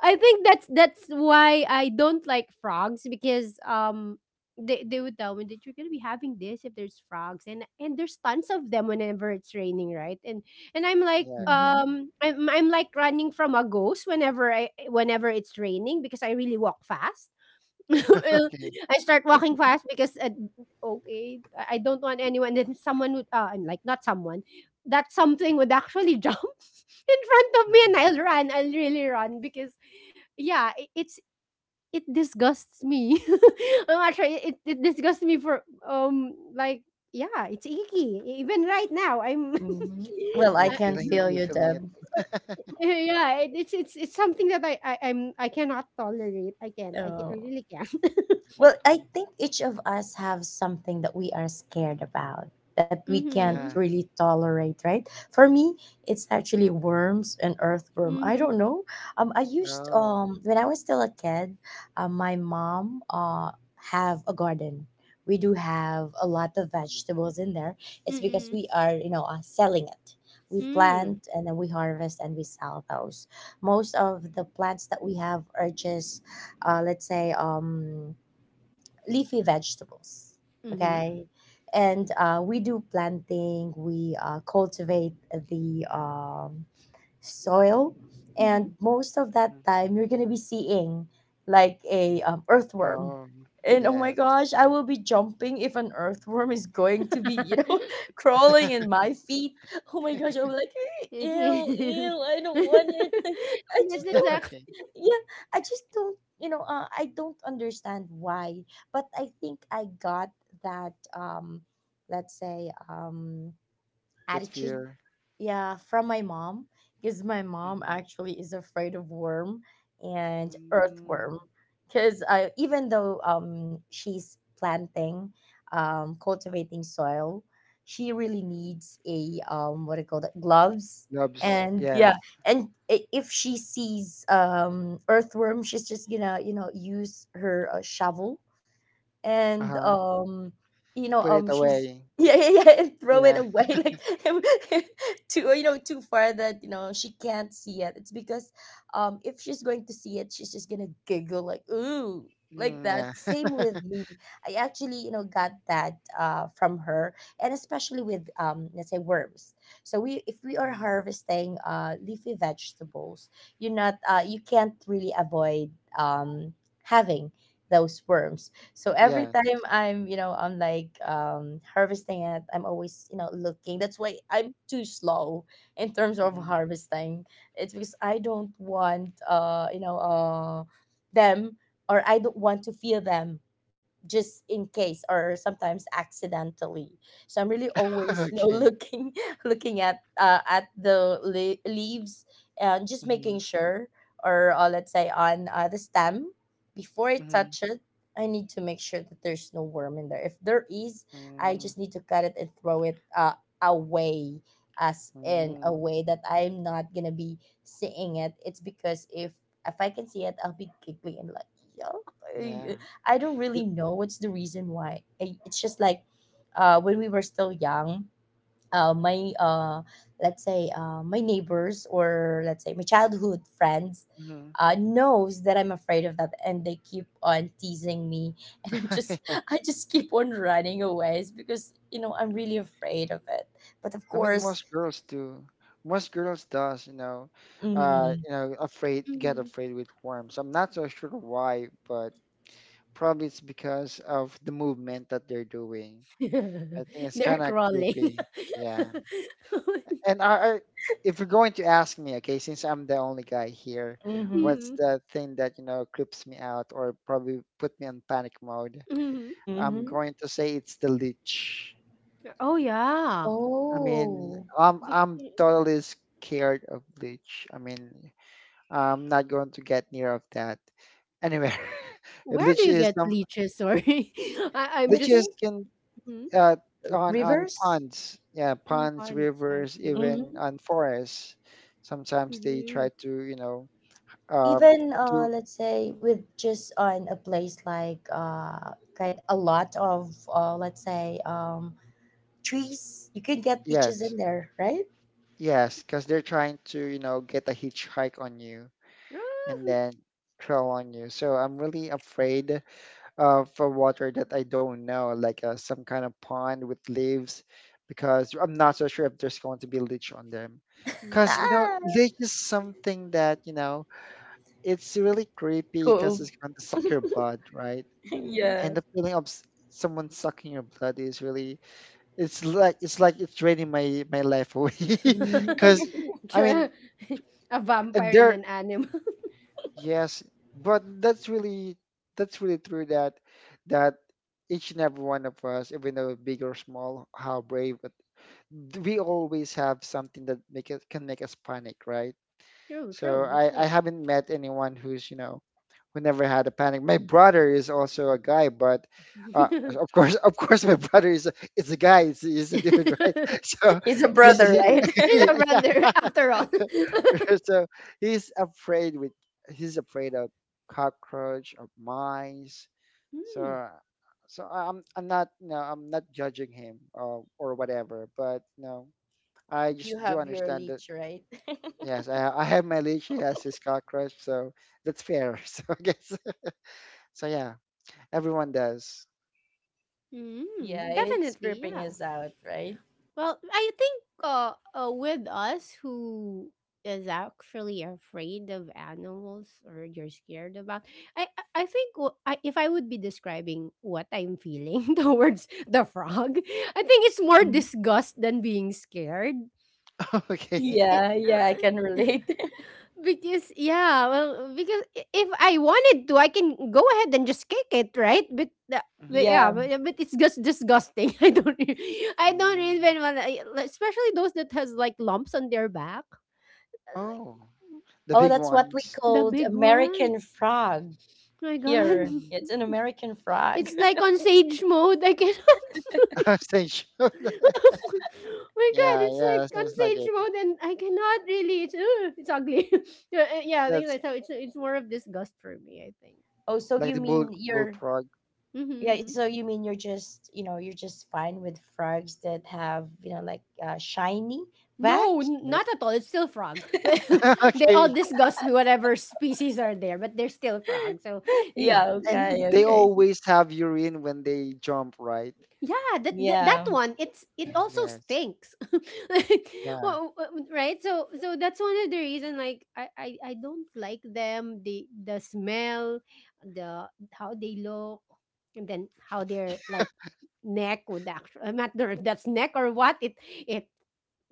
Speaker 1: I think that's that's why I don't like frogs because, um, they they would tell me that you're gonna be having this if there's frogs, and and there's tons of them whenever it's raining, right? And and I'm like,
Speaker 3: Yeah.
Speaker 2: Mm-hmm.
Speaker 1: um, I'm I'm like running from a ghost whenever I whenever it's raining, because I really walk fast.
Speaker 3: Okay.
Speaker 1: I start walking fast because, uh, okay, I I don't want anyone. Then someone would, uh, I'm like, not someone. That something would actually jump in front of me, and
Speaker 3: Mhm.
Speaker 1: I'll run. I'll really run because, yeah, it, it's it disgusts me. I'm actually it, it disgusts me for um like, yeah, it's icky. E, even right now, I'm
Speaker 2: Mm-hmm. Well, I
Speaker 3: You're
Speaker 1: I-
Speaker 2: can
Speaker 3: feeling
Speaker 2: feel
Speaker 3: you're
Speaker 2: you,
Speaker 3: feeling it.
Speaker 2: Deb.
Speaker 1: yeah, it, it's it's it's something that I, I I'm I cannot tolerate. I can't. I can, I
Speaker 2: Oh.
Speaker 1: really can't.
Speaker 2: Well, I
Speaker 3: Mhm.
Speaker 2: think each of us have something that we are scared about, that we can't
Speaker 1: Mm-hmm.
Speaker 3: Yeah.
Speaker 2: really tolerate, right? For me, it's actually worms and earthworm. I
Speaker 1: Mm-hmm.
Speaker 2: don't know. Um, I used
Speaker 3: Oh.
Speaker 2: um when I was still a kid, uh, my mom uh have a garden. We do have a lot of vegetables in there. It's because
Speaker 1: Mm-mm.
Speaker 2: we are, you know, uh, selling it. We
Speaker 1: Mm,
Speaker 2: plant, and then we harvest, and we sell those. Most of the plants that we have are just, uh, let's say, um leafy vegetables.
Speaker 1: hmm,
Speaker 2: Okay. And uh, we do planting, we uh, cultivate the um, soil,
Speaker 1: mhm,
Speaker 2: and
Speaker 1: mhm.
Speaker 2: most of that
Speaker 3: Mm-hmm.
Speaker 2: time you're gonna be seeing like a, um, earthworm.
Speaker 3: Oh.
Speaker 2: And oh my
Speaker 3: Yeah.
Speaker 2: gosh, I will be jumping if an earthworm is going to be, you know, crawling in my feet. Oh my gosh, I'm like, "Eh, ew,
Speaker 1: That's
Speaker 2: ew, I don't want it." i just don't
Speaker 1: exact.
Speaker 3: Okay.
Speaker 2: Yeah, I just don't, you know, uh, I don't understand why, but I think I got that, um let's say, um
Speaker 3: That
Speaker 2: attitude,
Speaker 3: fear.
Speaker 2: yeah, from my mom, because my mom
Speaker 3: Mm-hmm.
Speaker 2: actually is afraid of worm and
Speaker 3: Mm.
Speaker 2: earthworm. Because I even though um she's planting, um cultivating soil, she really needs a, um what do you call that, gloves.
Speaker 3: Loves.
Speaker 2: And
Speaker 3: Yes.
Speaker 2: yeah, and i- if she sees, um earthworm, she's just gonna, you know, use her uh, shovel, and
Speaker 3: Uh-huh.
Speaker 2: um you know,
Speaker 3: Put it
Speaker 2: um she's
Speaker 3: away.
Speaker 2: yeah yeah yeah and throw it
Speaker 3: Yeah.
Speaker 2: away like too, you know, too far that, you know, she can't see it. It's because, um if she's going to see it, she's just gonna giggle like, "Ooh," like
Speaker 3: Mm,
Speaker 2: that.
Speaker 3: yeah.
Speaker 2: Same with me. I actually, you know, got that uh from her. And especially with, um let's say, worms. So we, if we are
Speaker 3: Mhm.
Speaker 2: harvesting uh leafy vegetables, you're not, uh you can't really avoid um having those worms. So every
Speaker 3: Yes.
Speaker 2: time I'm, you know, I'm like um harvesting it, I'm always, you know, looking. That's why I'm too slow in terms of
Speaker 3: Mhm.
Speaker 2: harvesting. It's because I don't want, uh, you know, uh them, or I don't want to feel them, just in case, or sometimes accidentally. So I'm really always, you know,
Speaker 3: Okay.
Speaker 2: looking, looking at uh, at the le- leaves, and just making
Speaker 3: Mm-hmm.
Speaker 2: sure, or uh, let's say, on uh, the stem, before I touch
Speaker 3: Mm-hmm.
Speaker 2: it, I need to make sure that there's no worm in there. If there is, I just need to cut it and throw it uh, away, as in a
Speaker 3: Mm-hmm.
Speaker 2: way that I'm not gonna be seeing it. It's because if if I can see it, I'll be giggling, and like, yo.
Speaker 3: Yeah.
Speaker 2: I don't really know what's the reason why. I- It's just like, uh, when we were still young, uh, my uh, let's say, uh, my neighbors, or let's say, my childhood friends,
Speaker 3: Mm-hmm.
Speaker 2: uh, knows that I'm afraid of that, and they keep on teasing me, and I'm just I just keep on running away. It's because, you know, I'm really afraid of it. But of
Speaker 3: I mean,
Speaker 2: course.
Speaker 3: most girls do. Most girls does, you know, uh,
Speaker 2: Mm-hmm,
Speaker 3: you know, afraid get
Speaker 1: Mhm.
Speaker 3: afraid with worms. I'm not so sure why, but probably it's because of the movement that they're doing. I think it's
Speaker 1: They're
Speaker 3: kind of
Speaker 1: crawling.
Speaker 3: creepy. Yeah. And I, I, if you're going to ask me, okay, since I'm the only guy here,
Speaker 2: mm-hmm,
Speaker 3: what's
Speaker 1: Mhm,
Speaker 3: the thing that, you know, creeps me out or probably put me in panic mode?
Speaker 1: mhm.
Speaker 3: I'm
Speaker 2: mm-hmm.
Speaker 3: going to say it's the leech.
Speaker 1: Oh, yeah.
Speaker 3: I mean,
Speaker 2: Oh,
Speaker 3: I'm I'm
Speaker 1: Because
Speaker 3: totally scared of bleach. I mean, I'm not going to get near of that anywhere.
Speaker 1: where do
Speaker 3: Bleach
Speaker 1: you
Speaker 3: is
Speaker 1: get
Speaker 3: some
Speaker 1: leeches? Sorry, I, I'm
Speaker 2: I
Speaker 3: bleach
Speaker 1: just,
Speaker 3: is
Speaker 2: think
Speaker 3: can
Speaker 1: mhm,
Speaker 3: uh on on
Speaker 2: rivers.
Speaker 3: ponds, yeah,
Speaker 1: mhm.
Speaker 3: ponds,
Speaker 1: Once I
Speaker 3: rivers,
Speaker 1: see.
Speaker 3: even
Speaker 2: Mm-hmm.
Speaker 3: on forests. Sometimes they
Speaker 1: Mhm.
Speaker 3: try to, you know, um
Speaker 2: Even, uh,
Speaker 3: do
Speaker 2: let's say, with just on a place like, uh, kind a lot of, uh, let's say, um, trees, you could get leeches
Speaker 3: yes,
Speaker 2: in there, right?
Speaker 3: yes, because they're trying to, you know, get a hitchhike on you and then crawl on you. So I'm really afraid of uh, for water that I don't know, like uh, some kind of pond with leaves, because I'm not so sure if there's going to be leech on them. Because, you
Speaker 1: Mhm,
Speaker 3: know,
Speaker 2: Ah,
Speaker 3: leech is something that, you know, it's really creepy because
Speaker 2: cool.
Speaker 3: it's going to suck your blood, right?
Speaker 1: mhm.
Speaker 2: Yeah.
Speaker 3: And the feeling of s- someone sucking your blood is really, it's like, it's like it's draining my, my life away.
Speaker 2: Mhm.
Speaker 3: Because, I mean,
Speaker 1: Tr- a
Speaker 3: and
Speaker 1: vampire in
Speaker 3: there,
Speaker 1: an animal.
Speaker 3: yes, but that's really that's really true that that each and every one of us, even though big or small, how brave, but d- we always have something that make it can make us panic, right?
Speaker 1: True, true.
Speaker 3: So
Speaker 1: That's
Speaker 3: I I
Speaker 1: true.
Speaker 3: haven't met anyone who's you know who never had a panic. My brother is also a guy, but uh,
Speaker 1: He's
Speaker 3: of course, of course my brother is a, is a guy, is is a dude, right? So
Speaker 2: He's a
Speaker 3: he's
Speaker 2: brother,
Speaker 3: he,
Speaker 2: right?
Speaker 1: a
Speaker 3: yeah,
Speaker 1: runner after all.
Speaker 3: so he's afraid with he's afraid of cockroach, of mice. So uh, so i'm i'm not no I'm not judging him or or whatever, but no, I
Speaker 2: You
Speaker 3: just do
Speaker 2: have your
Speaker 3: understand that
Speaker 2: leech, right?
Speaker 3: yes, i, I have my leash, he has his cockroach, so that's fair. So I guess, so yeah, everyone does.
Speaker 1: Mm,
Speaker 2: Yeah,
Speaker 1: mm,
Speaker 2: and it's
Speaker 1: definitely,
Speaker 2: creeping
Speaker 1: yeah.
Speaker 2: us out, right?
Speaker 1: Well, I think uh, uh, with us who is actually afraid of animals or you're scared about, I I I think w- I, if I would be describing what I'm feeling towards the frog, I think it's more
Speaker 2: Mhm.
Speaker 1: disgust than being scared.
Speaker 3: Okay.
Speaker 1: It, it,
Speaker 2: Yeah,
Speaker 1: uh,
Speaker 2: yeah, I can relate.
Speaker 1: Because yeah, well, because I- if I wanted to, I can go ahead and just kick it, right? But, the, but
Speaker 3: Mhm.
Speaker 1: yeah,
Speaker 2: Yeah.
Speaker 1: but, uh, but it's just disgusting. I don't, re- I don't even
Speaker 3: Mm.
Speaker 1: want, to, especially those that has like lumps on their back. Uh, like
Speaker 3: Oh, the
Speaker 2: Oh,
Speaker 3: big
Speaker 2: that's what we
Speaker 3: ones.
Speaker 1: the
Speaker 2: called
Speaker 1: big one.
Speaker 2: American frog.
Speaker 1: My God,
Speaker 2: Here
Speaker 3: Mm.
Speaker 2: it's an American frog.
Speaker 1: it's like on sage mode. I cannot.
Speaker 3: Same show.
Speaker 1: My God,
Speaker 3: Yeah,
Speaker 1: it's
Speaker 3: yeah,
Speaker 1: like on
Speaker 3: sounds like
Speaker 1: sage
Speaker 3: it.
Speaker 1: mode, and I cannot really. It's ugh, it's ugly. Yeah, uh, yeah, I think
Speaker 3: That's
Speaker 1: that's how it's. It's more of disgust for me, I think.
Speaker 2: Oh, so
Speaker 3: like
Speaker 2: you
Speaker 3: the bull
Speaker 2: mean you're,
Speaker 3: bullfrog.
Speaker 2: yeah,
Speaker 1: Mm-hmm.
Speaker 2: so you mean you're just, you know, you're just fine with frogs that have, you know, like, uh, shiny back?
Speaker 1: No, n-
Speaker 3: Snoot.
Speaker 1: not at all. It's still frog. They all
Speaker 3: Okay,
Speaker 1: disgust me, whatever species are there, but they're still frog. So,
Speaker 2: Yeah,
Speaker 3: and
Speaker 2: okay,
Speaker 3: they
Speaker 2: okay.
Speaker 3: always have urine when they jump, right?
Speaker 1: Yeah, that, that that
Speaker 2: Yeah.
Speaker 1: one it's it also
Speaker 3: Yes.
Speaker 1: stinks, like
Speaker 3: Yeah.
Speaker 1: well, uh, w- right? So so that's one of the reason like I, I I don't like them, the the smell, the how they look, and then how their like neck would actually I'm not sure if that's neck or what it it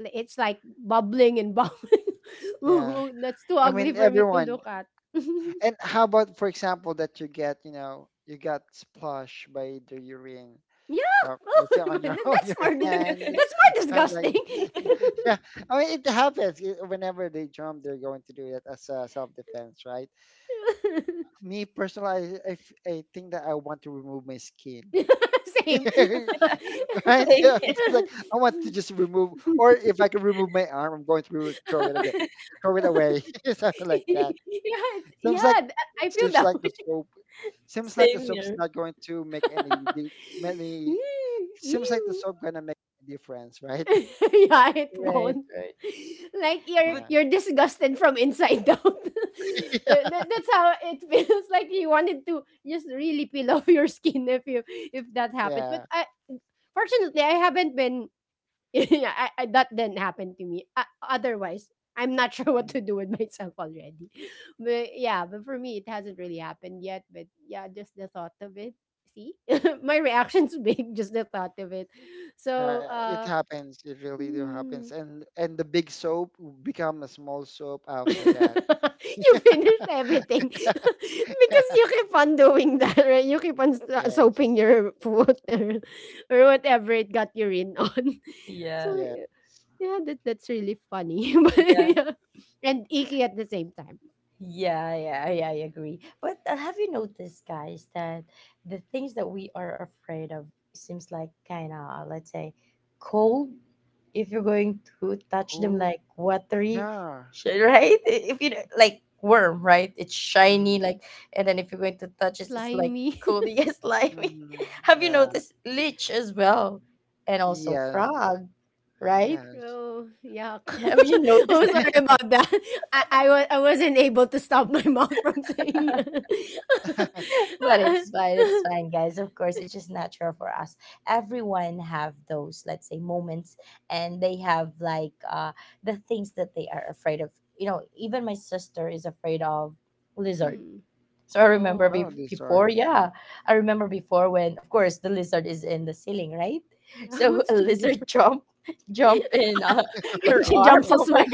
Speaker 1: it's like bubbling and bubbling.
Speaker 3: Yeah.
Speaker 1: Ooh, that's too
Speaker 3: I
Speaker 1: ugly
Speaker 3: mean,
Speaker 1: for me to
Speaker 3: everyone.
Speaker 1: look at. yeah,
Speaker 3: And how about, for example, that you get, you know, you got splashed by the urine, or
Speaker 1: oh,
Speaker 3: let's say on
Speaker 1: man,
Speaker 3: your on
Speaker 1: that's more
Speaker 3: your
Speaker 1: than-
Speaker 3: hand,
Speaker 1: that's more
Speaker 3: something like
Speaker 1: disgusting.
Speaker 3: that. Yeah. I mean, it happens. It- whenever they jump, they're going to do it as a self-defense, right? Me personally, I, I f- I think that I want to remove my skin.
Speaker 1: Same. yeah,
Speaker 3: Right?
Speaker 2: Same
Speaker 3: Yeah,
Speaker 2: here.
Speaker 3: it's like I want to just remove, or if I can remove my arm, I'm going to throw it again, throw it away, something like that.
Speaker 1: it's, yeah,
Speaker 3: Seems like
Speaker 1: th- I feel
Speaker 3: Seems
Speaker 1: that
Speaker 3: like
Speaker 1: way.
Speaker 3: the soap. Seems like the
Speaker 2: Same
Speaker 3: soap's
Speaker 2: here.
Speaker 3: not going to make any di- many.
Speaker 1: Mm,
Speaker 3: Seems like the
Speaker 1: ew.
Speaker 3: soap gonna make a difference, right?
Speaker 1: yeah, it
Speaker 2: Right,
Speaker 1: won't.
Speaker 2: right.
Speaker 1: Like you're
Speaker 2: But
Speaker 1: you're disgusted from inside out.
Speaker 3: Yeah.
Speaker 1: Uh, that, that's how it feels like you wanted to just really peel off your skin if you if that happens. But
Speaker 3: Yeah.
Speaker 1: I fortunately I haven't been yeah, I, I, that didn't happen to me. Uh, otherwise, I'm not sure what
Speaker 3: Mhm.
Speaker 1: to do with myself already. But yeah, but for me, it hasn't really happened yet. But yeah, just the thought of it. See, my reaction's big. Just the thought of it.
Speaker 3: Uh,
Speaker 1: So,
Speaker 3: it
Speaker 1: uh,
Speaker 3: happens. It really do
Speaker 1: mm.
Speaker 3: happens. And and the big soap will become a small soap after that.
Speaker 1: You finished everything because you keep on doing that, right? You keep on so-
Speaker 3: Yes.
Speaker 1: soaping your foot or, or whatever it got your in on.
Speaker 2: yeah.
Speaker 1: So,
Speaker 3: Yes.
Speaker 1: yeah, that that's really funny. But
Speaker 2: Yeah.
Speaker 1: yeah. And icky at the same time.
Speaker 2: Yeah, yeah, yeah, I agree. But uh, have you noticed, guys, that the things that we are afraid of seems like kind of, let's say, cold, if you're going to touch them,
Speaker 3: Cold.
Speaker 2: like watery,
Speaker 3: Yeah.
Speaker 2: sh- right? I- If you, like worm, right? It's shiny,
Speaker 3: Mm.
Speaker 2: like, and then if you're going to touch it, it's like
Speaker 1: Slimy.
Speaker 2: cold. Yes, slimy.
Speaker 3: Mm,
Speaker 2: Have you
Speaker 3: yeah.
Speaker 2: noticed lich as well, and also
Speaker 3: Yes.
Speaker 2: frog, right?
Speaker 3: Yes.
Speaker 1: True. Yuck.
Speaker 2: Have you noticed?
Speaker 1: Am sorry about that. I, I, wa- I wasn't able to stop my mouth from saying
Speaker 2: But it's fine, it's fine, guys. Of course, it's just natural for us. Everyone have those, let's say, moments, and they have like, uh the things that they are afraid of. You know, even my sister is afraid of lizard.
Speaker 1: Hmm.
Speaker 2: So I remember,
Speaker 1: Oh,
Speaker 3: Oh,
Speaker 2: be-
Speaker 3: this
Speaker 2: before,
Speaker 3: sword. Mm.
Speaker 2: yeah, I remember before, when of course the lizard is in the ceiling, right?
Speaker 1: yeah.
Speaker 2: So
Speaker 1: What's
Speaker 2: a
Speaker 1: to be afraid?
Speaker 2: lizard jump jump in, uh, her
Speaker 1: And
Speaker 3: Okay.
Speaker 1: she
Speaker 2: arm.
Speaker 1: jumps
Speaker 2: Oh
Speaker 1: as well.
Speaker 2: my.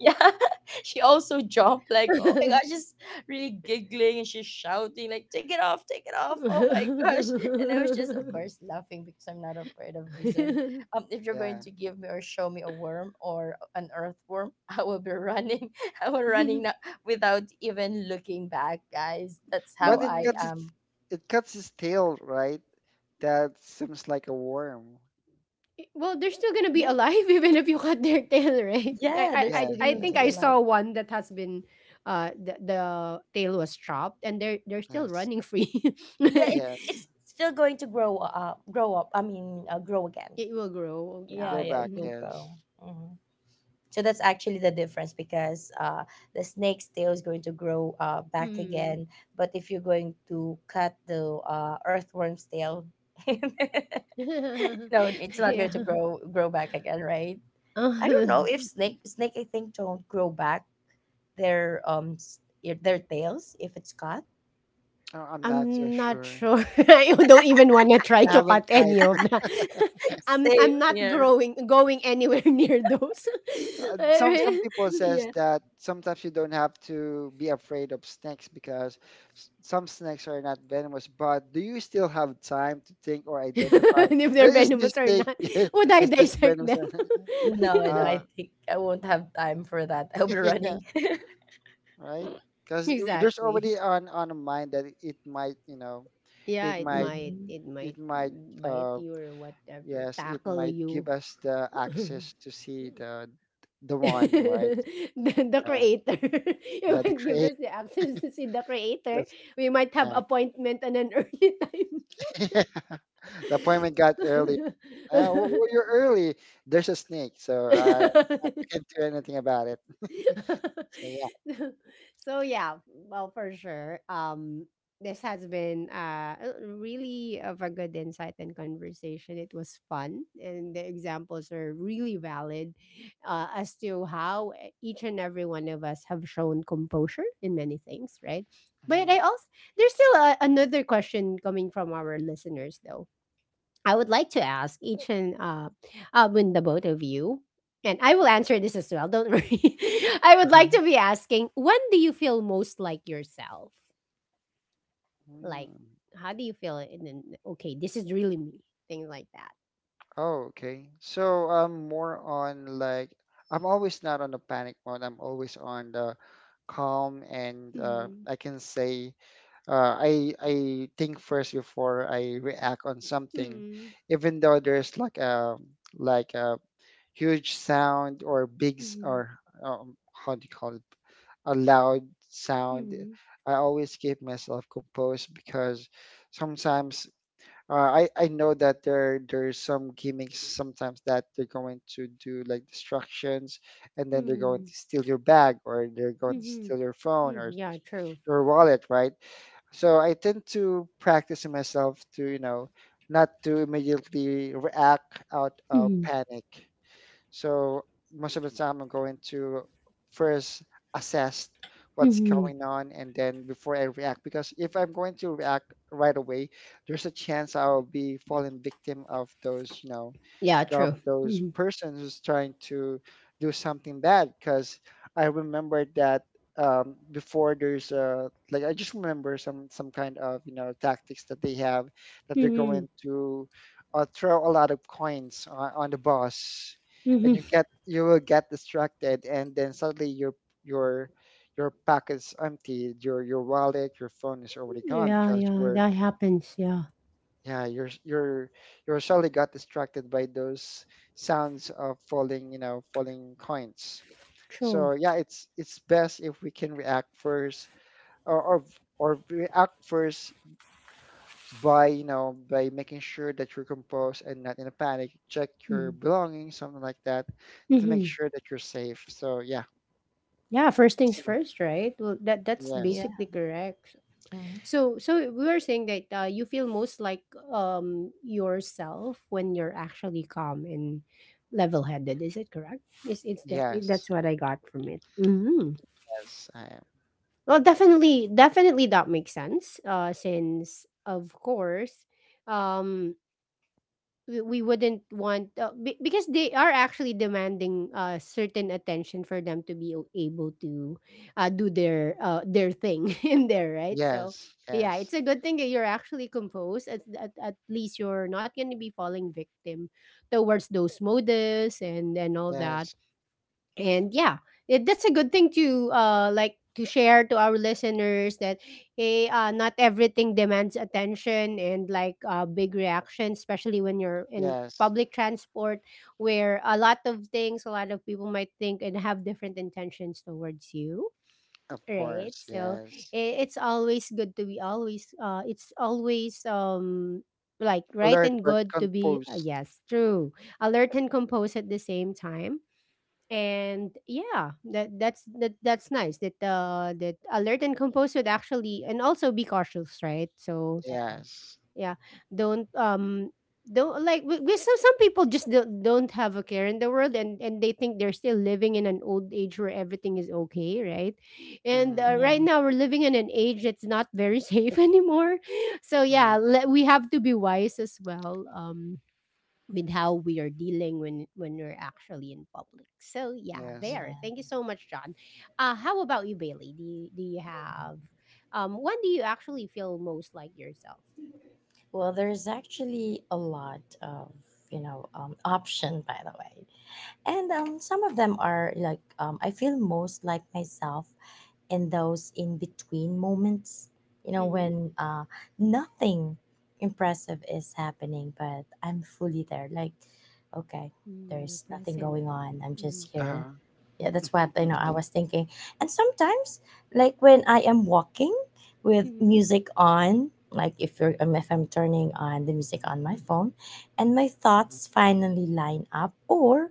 Speaker 2: Yeah. She also jumped, like, oh my gosh, just really giggling, and she's shouting like, take it off, take it off, oh my gosh. And I was just, of
Speaker 3: Mhm.
Speaker 2: course, laughing, because I'm not afraid of lizard. um if you're going
Speaker 3: Yeah.
Speaker 2: to give me or show me a worm or an earthworm, I will be running. I will running now without even looking back, guys. That's how
Speaker 3: But it
Speaker 2: I
Speaker 3: cuts
Speaker 1: Mhm.
Speaker 3: its
Speaker 2: am.
Speaker 3: it cuts its tail, right? That seems like a worm.
Speaker 1: I- Well, they're still gonna be
Speaker 2: yeah
Speaker 1: alive even if you cut their tail, right? I
Speaker 2: yeah
Speaker 1: I
Speaker 2: they're
Speaker 1: I
Speaker 2: still
Speaker 3: Yes,
Speaker 1: I
Speaker 2: going
Speaker 1: think
Speaker 2: to be
Speaker 1: I
Speaker 3: yes,
Speaker 2: alive.
Speaker 1: saw one that has been uh, the, the tail was chopped and they're they're still
Speaker 3: yes,
Speaker 1: running free.
Speaker 2: Yeah, it's
Speaker 3: yes.
Speaker 2: it's still going to grow up grow up I mean, uh, grow again.
Speaker 1: It will grow,
Speaker 3: Mm,
Speaker 2: yeah
Speaker 1: yeah.
Speaker 3: grow
Speaker 2: yeah it
Speaker 3: back,
Speaker 1: Hmm,
Speaker 2: will
Speaker 3: yes.
Speaker 2: grow. Hmm. So that's actually the difference, because, uh, the snake's tail is going to grow, uh, back
Speaker 1: hmm.
Speaker 2: again. But if you're going to cut the, uh, earthworm's tail, no, it's not
Speaker 1: Yeah.
Speaker 2: going to grow grow back again, right? I
Speaker 1: Uh,
Speaker 2: don't know if snake snake I think, don't grow back their um s- i- their tails if it's cut.
Speaker 3: Oh, I'm not so
Speaker 1: I'm not
Speaker 3: sure.
Speaker 1: sure. I don't even wanna try
Speaker 3: I
Speaker 1: to
Speaker 3: haven't
Speaker 1: cut
Speaker 3: tried.
Speaker 1: any of that. I'm
Speaker 2: Same
Speaker 1: I'm not
Speaker 2: here.
Speaker 1: growing going anywhere near those.
Speaker 3: Uh, some some
Speaker 1: Alright.
Speaker 3: people says
Speaker 2: Yeah.
Speaker 3: that sometimes you don't have to be afraid of snakes because s- some snakes are not venomous. But do you still have time to think or identify,
Speaker 1: And if
Speaker 3: "Uh,
Speaker 1: they're
Speaker 3: is this
Speaker 1: venomous or
Speaker 3: snake
Speaker 1: not, would I
Speaker 3: is this
Speaker 1: dissect
Speaker 3: venomous
Speaker 1: them?
Speaker 3: or not?"
Speaker 2: No, no,
Speaker 3: Uh,
Speaker 2: I think I won't have time for that. I'll be
Speaker 3: yeah,
Speaker 2: running.
Speaker 3: right? Because there's already
Speaker 1: Exactly.
Speaker 3: on on a mind that it might, you know
Speaker 1: Yeah,
Speaker 3: it
Speaker 1: it
Speaker 3: might,
Speaker 1: might.
Speaker 2: Hmm.
Speaker 1: It
Speaker 3: it
Speaker 1: might
Speaker 3: might,
Speaker 1: bite
Speaker 3: uh
Speaker 1: you or whatever,
Speaker 3: yes, it
Speaker 1: tackle
Speaker 3: might give
Speaker 1: you.
Speaker 3: us the
Speaker 1: the,
Speaker 3: access to see the the one, right?
Speaker 1: the
Speaker 3: uh,
Speaker 1: creator.
Speaker 3: yeah,
Speaker 1: It
Speaker 3: the
Speaker 1: might give
Speaker 3: create,
Speaker 1: us the access to see the creator.
Speaker 3: that's-
Speaker 1: We might have
Speaker 3: yeah.
Speaker 1: appointment on an early
Speaker 3: The appointment got early. Uh, well,
Speaker 1: time.
Speaker 3: well, you're early. There's a snake, so uh, I can't do anything about it. So yeah.
Speaker 1: So yeah, well, for sure. Um this has been uh a- really of a good insight and conversation. It was fun and the examples are really valid, uh, as to how e- each and every one of us have shown composure in many things, right? But I also there's still a, another question coming from our listeners, though. I would like to ask each and uh, uh, when the both of you, and I will answer this as well. Don't worry. I would like
Speaker 3: Mhm.
Speaker 1: to be asking, when do you feel most like yourself? Like,
Speaker 3: Mm.
Speaker 1: how do you feel? And then, okay, this is really me. Things like that.
Speaker 3: Oh, okay. So I'm more on like I'm always not on the panic mode. I'm always on the calm and uh,
Speaker 1: Mhm,
Speaker 3: I can say uh, I I think first before I react on something,
Speaker 1: mhm,
Speaker 3: even though there's like a like a huge sound or big s-
Speaker 1: mhm,
Speaker 3: or um, how do you call it, a loud sound.
Speaker 1: mhm,
Speaker 3: I always keep myself composed because sometimes uh, I, I know that there there's some gimmicks sometimes that they're going to do, like distractions, and then they're going
Speaker 1: mhm,
Speaker 3: to steal your bag, or they're going to
Speaker 1: mhm,
Speaker 3: steal your phone or
Speaker 1: mhm. Yeah, true.
Speaker 3: your wallet, right? So I tend to practice myself to, you know, not to immediately react out of
Speaker 1: Mhm,
Speaker 3: panic. So most of the time, I'm going to first assess what's
Speaker 1: mhm.
Speaker 3: going on, and then before I react, because if I'm going to react right away, there's a chance I'll be falling victim of those, you know,
Speaker 1: Yeah,
Speaker 3: of
Speaker 1: true.
Speaker 3: those
Speaker 1: Mhm,
Speaker 3: persons who's trying to do something bad. Because I remember that, um, before, there's uh like, I just remember some some kind of, you know, tactics that they have, that they're
Speaker 1: mhm,
Speaker 3: going to uh, throw a lot of coins on, on the boss, and
Speaker 1: mhm.
Speaker 3: you get, you will get distracted, and then suddenly your your your pack is empty, your your wallet, your phone is already gone
Speaker 1: Yeah,
Speaker 3: because you
Speaker 1: yeah,
Speaker 3: were,
Speaker 1: that happens. Yeah,
Speaker 3: yeah, you're s- you're you're surely got distracted by those sounds of falling, you know, falling coins.
Speaker 1: true.
Speaker 3: So yeah, it's it's best if we can react first, or or, or react first by, you know, by making sure that you're composed and not in a panic. Check your
Speaker 1: Mhm,
Speaker 3: belongings, something like that, to make
Speaker 1: mhm.
Speaker 3: sure that you're safe. So yeah,
Speaker 1: Yeah, first things
Speaker 3: that's my-
Speaker 1: first, right? Well, that that's
Speaker 3: yes,
Speaker 2: Yeah.
Speaker 1: basically correct.
Speaker 2: Hmm.
Speaker 1: So, so we were saying that, uh, you feel most like, um, yourself when you're actually calm and level-headed. Is it correct? It's it's that
Speaker 3: yes,
Speaker 1: that's what I got from it. Hmm.
Speaker 3: yes, I am.
Speaker 1: Well, definitely, definitely that makes sense. Uh, since of course, um, we we wouldn't want, uh, be- because they are actually demanding uh, certain attention for them to be o- able to uh, do their uh their thing in there, right? So
Speaker 3: Yes,
Speaker 1: yeah,
Speaker 3: yes,
Speaker 1: it's a good thing that you're actually composed, at, at, at least you're not going to be falling victim towards those modus and and all that.
Speaker 3: yes,
Speaker 1: And yeah, it, that's a good thing to uh, like, to share to our listeners that hey, uh, not everything demands attention and like, uh, big reaction, especially when you're in
Speaker 3: yes.
Speaker 1: public transport where a lot of things, a lot of people might think and have different intentions towards you,
Speaker 3: Of
Speaker 1: right?
Speaker 3: course,
Speaker 1: so
Speaker 3: yes.
Speaker 1: i- it's always good to be always, uh it's always um like right
Speaker 3: Alert
Speaker 1: and
Speaker 3: but
Speaker 1: good to be, uh,
Speaker 3: confused.
Speaker 1: yes, true, alert and composed at the same time. And yeah, that that's that that's nice that uh, that alert and composed would actually and also be cautious, right? So
Speaker 2: Yeah.
Speaker 3: Yes.
Speaker 1: yeah, don't um don't like we, we some some people just don't, don't have a care in the world and and they think they're still living in an old age where everything is okay, right? And,
Speaker 3: Mm-hmm.
Speaker 1: uh,
Speaker 2: Yeah.
Speaker 1: right now we're living in an age that's not very safe anymore. So yeah,
Speaker 3: Hmm.
Speaker 1: let, we have to be wise as well, um, with how we are dealing when when we're actually in public. So yeah,
Speaker 3: Yes.
Speaker 1: there.
Speaker 2: Yeah.
Speaker 1: Thank you so much, John. Uh, how about you, Bailey? Do you, do you have, um, when do you actually feel most like yourself?
Speaker 2: Well, there's actually a lot of, you know, um, option, by the way. And um, some of them are like, um, I feel most like myself in those in between moments, you know,
Speaker 1: Mm-hmm.
Speaker 2: when, uh, nothing impressive is happening, but I'm fully there. Like, okay,
Speaker 1: Mm, you're
Speaker 2: there's nothing going
Speaker 1: present.
Speaker 2: on. I'm
Speaker 1: Mm-hmm.
Speaker 2: just here.
Speaker 3: Uh-huh.
Speaker 2: Yeah, that's what, you know, I
Speaker 3: Okay.
Speaker 2: was thinking, and sometimes, like when I am walking with
Speaker 1: Mm-hmm.
Speaker 2: music on, like if you're, um, if I'm turning on the music on my phone, and my thoughts finally line up, or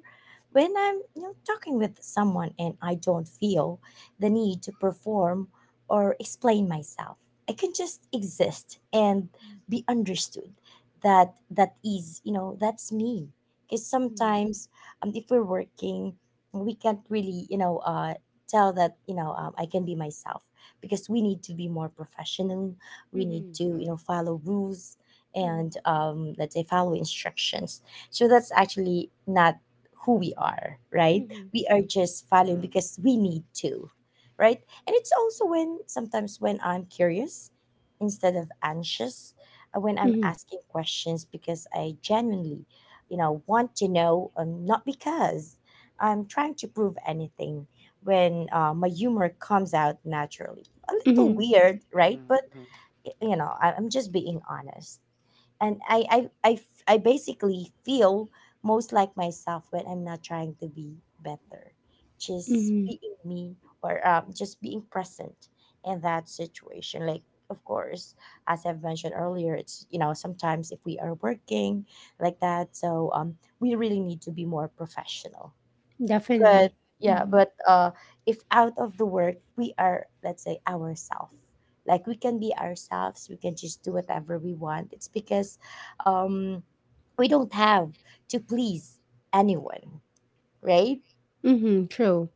Speaker 2: when I'm, you know, talking with someone, and I don't feel the need to perform or explain myself. I can just exist and be understood. That, that is, you know, that's me. Because
Speaker 1: Mm-hmm.
Speaker 2: sometimes, um, if we're working, we can't really, you know, uh, tell that, you know, um, I can be myself, because we need to be more professional. We need
Speaker 1: Mm-hmm.
Speaker 2: to,
Speaker 3: Mm-hmm.
Speaker 2: you know, follow rules,
Speaker 1: Mm-hmm.
Speaker 2: and, um, let's say, follow instructions. So that's actually not who we are, right?
Speaker 1: Mm-hmm.
Speaker 2: We are
Speaker 1: True.
Speaker 2: just following
Speaker 3: Hmm.
Speaker 2: because we need to, right? And it's also when sometimes when I'm curious instead of anxious, uh, when I'm
Speaker 1: Mm-hmm.
Speaker 2: asking questions because I genuinely, you know, want to know, um, not because I'm trying to prove anything. When, uh, my humor comes out naturally, a little
Speaker 1: Mm-hmm.
Speaker 2: weird, right? But
Speaker 3: Hmm.
Speaker 2: y- you know, I- I'm just being honest, and I, I I f- I basically feel most like myself when I'm not trying to be better, just
Speaker 1: Mm-hmm.
Speaker 2: being me, or, um, just being present in that situation. Like of course, as I've mentioned earlier, it's you know sometimes if we are working like that, so um we really need to be more professional, but
Speaker 1: Definitely.
Speaker 2: yeah
Speaker 1: Mm-hmm.
Speaker 3: Hmm.
Speaker 2: but uh if out of the work we are, let's say, ourselves, like we can be ourselves, we can just do whatever we want. It's because um we don't have to please anyone, right?
Speaker 1: Mm-hmm. True.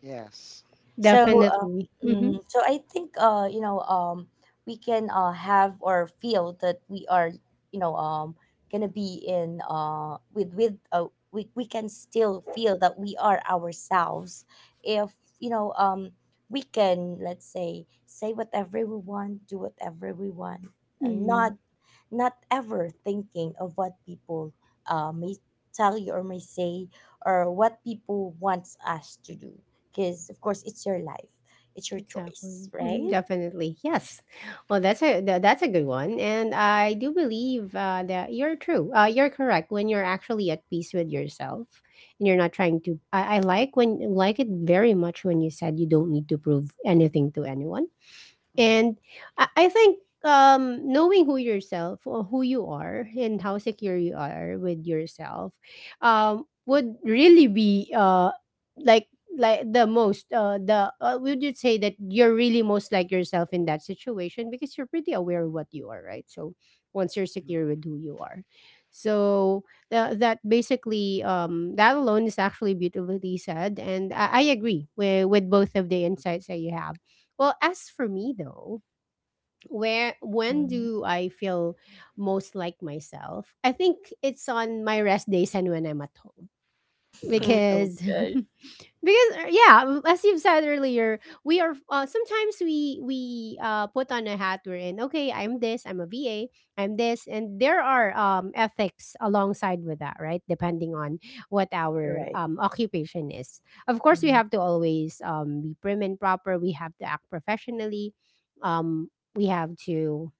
Speaker 3: Hmm. Yes.
Speaker 2: So, uh,
Speaker 1: Definitely.
Speaker 2: mhm. so I think uh, you know um, we can uh, have or feel that we are you know um, gonna be in uh, with with uh, we we can still feel that we are ourselves if you know um, we can, let's say, say whatever we want, do whatever we want, and
Speaker 1: Mm-hmm.
Speaker 2: not not ever thinking of what people uh, may tell you or may say, or what people wants us to do, because of course it's your life, it's your choice,
Speaker 1: Exactly.
Speaker 2: right?
Speaker 1: Definitely. Yes. Well, that's a tha- that's a good one, and I do believe, uh, that you're true. Uh, you're correct when you're actually at peace with yourself, and you're not trying to. I, I like when, like it very much when you said you don't need to prove anything to anyone.
Speaker 3: Mm-hmm.
Speaker 1: And I, I think, um, knowing who yourself or who you are and how secure you are with yourself, um, would really be uh, like like the most uh the uh, would you say that you're really most like yourself in that situation because you're pretty aware of what you are, right? So once you're
Speaker 3: Hmm.
Speaker 1: secure with who you are, so tha- that basically um, that alone is actually beautifully said and i, I agree with, with both of the insights that you have. Well, as for me though, where when
Speaker 2: Hmm.
Speaker 1: do I feel most like myself? I think it's on my rest days and when I'm at home,
Speaker 3: Okay.
Speaker 1: because
Speaker 2: Okay.
Speaker 1: because uh, yeah um, as you've said earlier, we are uh, sometimes we we uh, put on a hat, we're in, okay, I'm this, I'm a va, I'm this, and there are um, ethics alongside with that, right? Depending on what our
Speaker 2: Right.
Speaker 1: um, occupation is. Of course, we
Speaker 2: Hmm.
Speaker 1: have to always um, be prim and proper, we have to act professionally, um, we have to,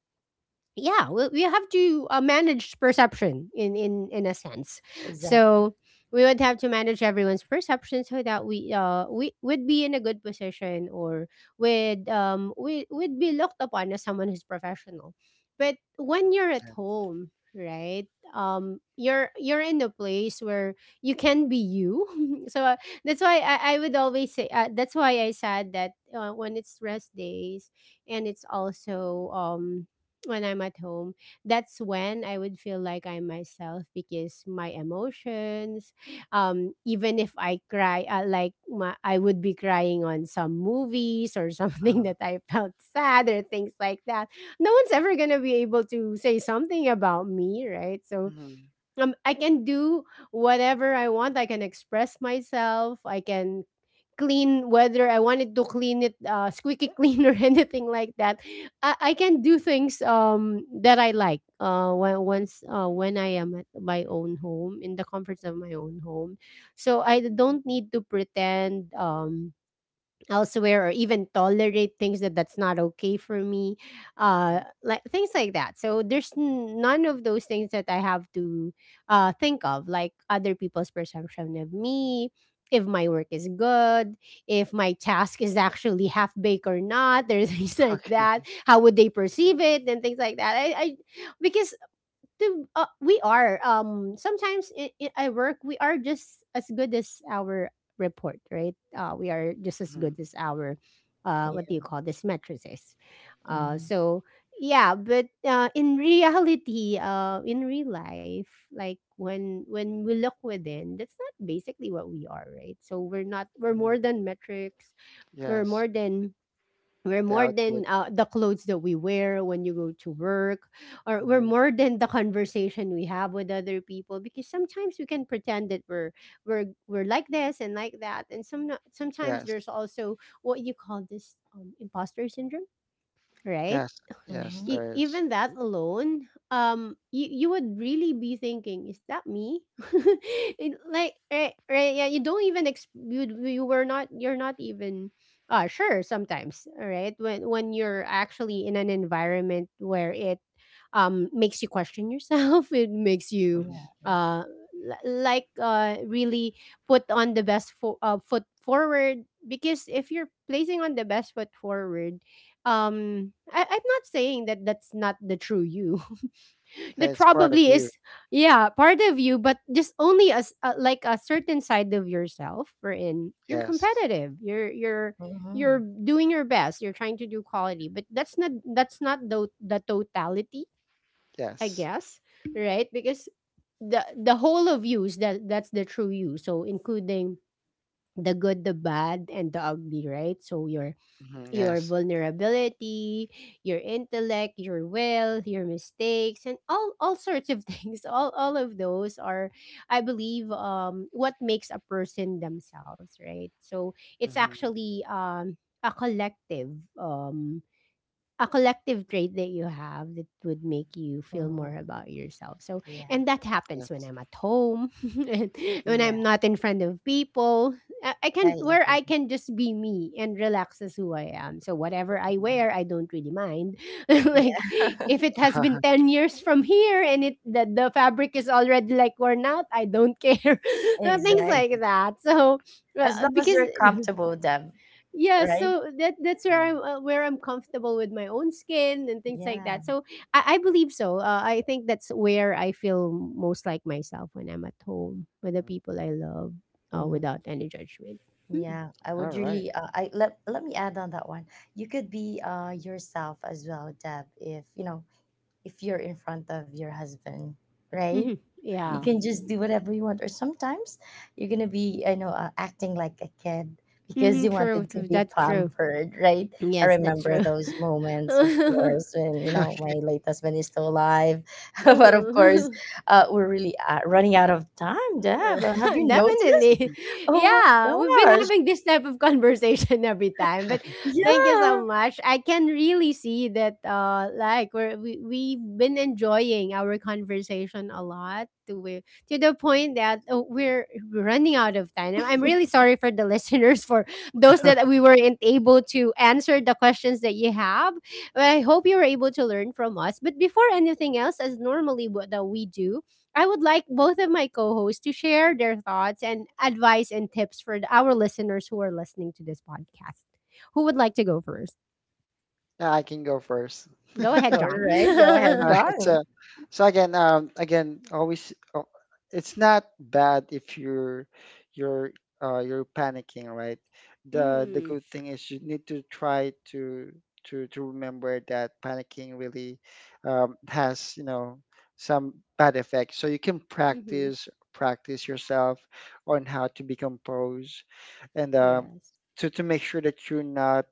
Speaker 1: yeah, we, we have to uh, manage perception in in in a sense.
Speaker 2: Exactly.
Speaker 1: So we would have to manage everyone's perception so that we uh we would be in a good position, or would um, we would be looked upon as someone who's professional. But when you're at
Speaker 3: Yeah.
Speaker 1: home, right, um, you're you're in a place where you can be you, so uh, that's why I, I would always say uh, that's why i said that uh, when it's rest days, and it's also um, when I'm at home, that's when I would feel like I'm myself, because my emotions, um, even if I cry, uh, like my, I would be crying on some movies or something
Speaker 3: Uh,
Speaker 1: that I felt sad or things like that. No one's ever gonna be able to say something about me, right? So
Speaker 3: hmm.
Speaker 1: um, I can do whatever I want. I can express myself. I can clean, whether I wanted to clean it uh, squeaky clean or anything like that. I, I can do things um, that I like uh, when, once uh, when I am at my own home, in the comforts of my own home. So I don't need to pretend. Um, elsewhere or even tolerate things that that's not okay for me, uh, like things like that. So there's n- none of those things that i have to uh, think of like other people's perception of me, if my work is good, if my task is actually half baked or not, there's things like
Speaker 3: Okay.
Speaker 1: that, how would they perceive it and things like that, i, I, because to uh, we are um, sometimes in, in I work, we are just as good as our report, right? Uh, we are just as
Speaker 3: Hmm. Hmm.
Speaker 1: good as our, uh, what do you
Speaker 2: Yeah.
Speaker 1: call this, matrices, uh,
Speaker 2: Hmm.
Speaker 1: so yeah. But uh, in reality, uh, in real life, like when when we look within, that's not basically what we are, right? So we're not, we're more than metrics, we're
Speaker 3: Yes.
Speaker 1: more than, we're
Speaker 3: The
Speaker 1: more than
Speaker 3: output.
Speaker 1: uh, the clothes that we wear when you go to work, or we're
Speaker 3: Hmm.
Speaker 1: more than the conversation we have with other people. Because sometimes we can pretend that we're we're we're like this and like that, and some sometimes
Speaker 3: Yes.
Speaker 1: there's also what you call this um, imposter syndrome, right?
Speaker 3: Yes. Yes,
Speaker 2: Hmm.
Speaker 1: e-
Speaker 3: there is.
Speaker 1: even that alone um you, you would really be thinking, is that me? It- like right, right, yeah, you don't even ex- you, you were not, you're not even uh sure sometimes, right. when when you're actually in an environment where it um makes you question yourself it makes you
Speaker 3: Mm-hmm.
Speaker 2: Yeah.
Speaker 1: uh li- like uh really put on the best fo- uh, foot forward. Because if you're placing on the best foot forward, um, I, I'm not saying that that's not the true you. That
Speaker 3: That's part of
Speaker 1: probably
Speaker 3: you.
Speaker 1: is, yeah, part of you, but just only as uh, like a certain side of yourself. Wherein you're
Speaker 3: Yes.
Speaker 1: competitive. You're you're you're
Speaker 2: Hmm.
Speaker 1: doing your best. You're trying to do quality, but that's not that's not the the totality, I
Speaker 3: Yes.
Speaker 1: guess, right? Because the the whole of you is that, that's the true you. So including the good, the bad, and the ugly, right? So your
Speaker 3: Hmm.
Speaker 1: your
Speaker 3: Yes.
Speaker 1: vulnerability, your intellect, your will, your mistakes, and all all sorts of things. All all of those are, I believe, um, what makes a person themselves, right? So it's
Speaker 3: Hmm.
Speaker 1: actually um a collective um a collective trait that you have that would make you feel more
Speaker 2: Hmm.
Speaker 1: about yourself. So,
Speaker 2: Yeah.
Speaker 1: and that happens when
Speaker 3: Yes.
Speaker 1: I'm at home and when
Speaker 2: Yeah,
Speaker 1: I'm not in front of people. I I can
Speaker 2: I
Speaker 1: where I
Speaker 2: agree.
Speaker 1: can just be me and relax as who I am. So whatever I
Speaker 3: Mhm.
Speaker 1: wear, I don't really mind. Like
Speaker 2: Yeah.
Speaker 1: if it has been ten years from here and it the, the fabric is already like worn out, I don't care. So things
Speaker 2: Exactly.
Speaker 1: like
Speaker 3: Mhm.
Speaker 1: that. So well,
Speaker 2: As long as
Speaker 1: because
Speaker 2: you're comfortable with them.
Speaker 1: yeah,
Speaker 2: Right.
Speaker 1: so that that's where I'm uh, where I'm comfortable with my own skin and things like
Speaker 2: Yeah.
Speaker 1: that. So i, I believe so. uh, I think that's where I feel most like myself, when I'm at home with the people I love, uh,
Speaker 2: Mm-hmm.
Speaker 1: without any judgment.
Speaker 2: Yeah, I
Speaker 3: All
Speaker 2: would
Speaker 3: right.
Speaker 2: really, uh, I let let me add on that one. You could be uh yourself as well, Deb, if you know, if you're in front of your husband, right?
Speaker 1: Mm-hmm.
Speaker 2: You
Speaker 1: Yeah.
Speaker 2: can
Speaker 3: Mm.
Speaker 2: just do whatever you want, or sometimes you're going to be, I know, uh, acting like a kid because
Speaker 1: Mm-hmm.
Speaker 2: you
Speaker 1: True,
Speaker 2: wanted to
Speaker 1: true,
Speaker 2: be
Speaker 1: that's true.
Speaker 2: pampered, right? I
Speaker 1: Yes, that's
Speaker 2: remember
Speaker 1: true.
Speaker 2: those moments, of course, when, you know, my late husband is still alive. But of course, uh, we're really uh, running out of time, Deb. Uh, Have you noticed?
Speaker 1: Definitely.
Speaker 2: Oh
Speaker 1: Yeah, we've been
Speaker 2: my.
Speaker 1: having this type of conversation every time. But thank you so
Speaker 2: Yeah.
Speaker 1: much. I can really see that uh like we're, we we've been enjoying our conversation a lot to we, to the point that uh, we're running out of time. I'm I'm really sorry for the listeners, for those that we weren't able to answer the questions that you have. But I hope you were able to learn from us. But before anything else, as normally what that we do, I would like both of my co hosts to share their thoughts and advice and tips for th- our listeners who are listening to this podcast. Who would like to go first?
Speaker 3: I can go first.
Speaker 1: Go ahead,
Speaker 2: All
Speaker 1: John.
Speaker 2: right, go ahead,
Speaker 1: Mm-hmm.
Speaker 3: Uh, it's
Speaker 2: John.
Speaker 3: uh, so again, um, again, always, uh, it's not bad if you're you're uh, you're panicking, right? The the good thing is you need to try to to to remember that panicking really um, has, you know, some bad effects. So you can
Speaker 1: Mm-hmm.
Speaker 3: practice, practice yourself on how to be composed, and uh,
Speaker 1: Yes.
Speaker 3: to to make sure that you're not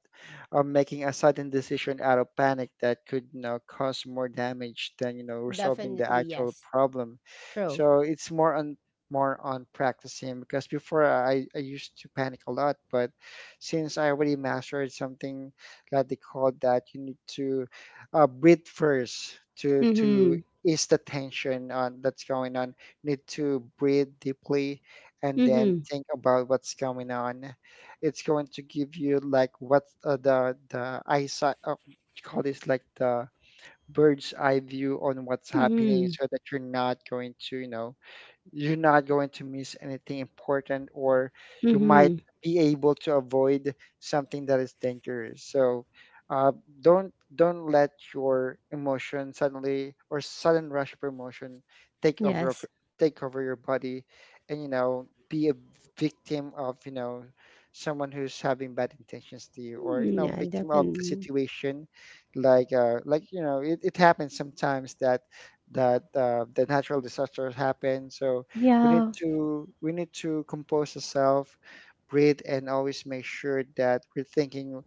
Speaker 3: uh, making a sudden decision out of panic that could, you know, cause more damage than, you know, resolving the
Speaker 1: Definitely,
Speaker 3: actual
Speaker 1: yes.
Speaker 3: problem.
Speaker 1: True.
Speaker 3: So it's more on more on practicing, because before, I, I used to panic a lot, but since I already mastered something that they call, that you need to uh, breathe first to to
Speaker 1: Mm-hmm.
Speaker 3: ease the tension on that's going on. You need to breathe deeply and then
Speaker 1: Mm-hmm.
Speaker 3: think about what's going on. It's going to give you like what, uh, the the eyesight, uh, what you call this, like the bird's eye view on what's happening,
Speaker 1: Mm-hmm.
Speaker 3: so that you're not going to, you know, you're not going to miss anything important, or you might
Speaker 1: Mm-hmm.
Speaker 3: be able to avoid something that is dangerous. So uh, don't don't let your emotion suddenly, or sudden rush of emotion, take over of-
Speaker 1: Yes.
Speaker 3: take over your body, and you know, be a victim of, you know, someone who's having bad intentions to you, or you
Speaker 1: Mm,
Speaker 3: know,
Speaker 1: yeah,
Speaker 3: victim of the
Speaker 1: definitely.
Speaker 3: situation. Like uh like you know, it, it happens sometimes that that uh, the natural disasters happen. So we need
Speaker 1: Yeah.
Speaker 3: to, we need to compose ourselves, breathe, and always make sure that we're thinking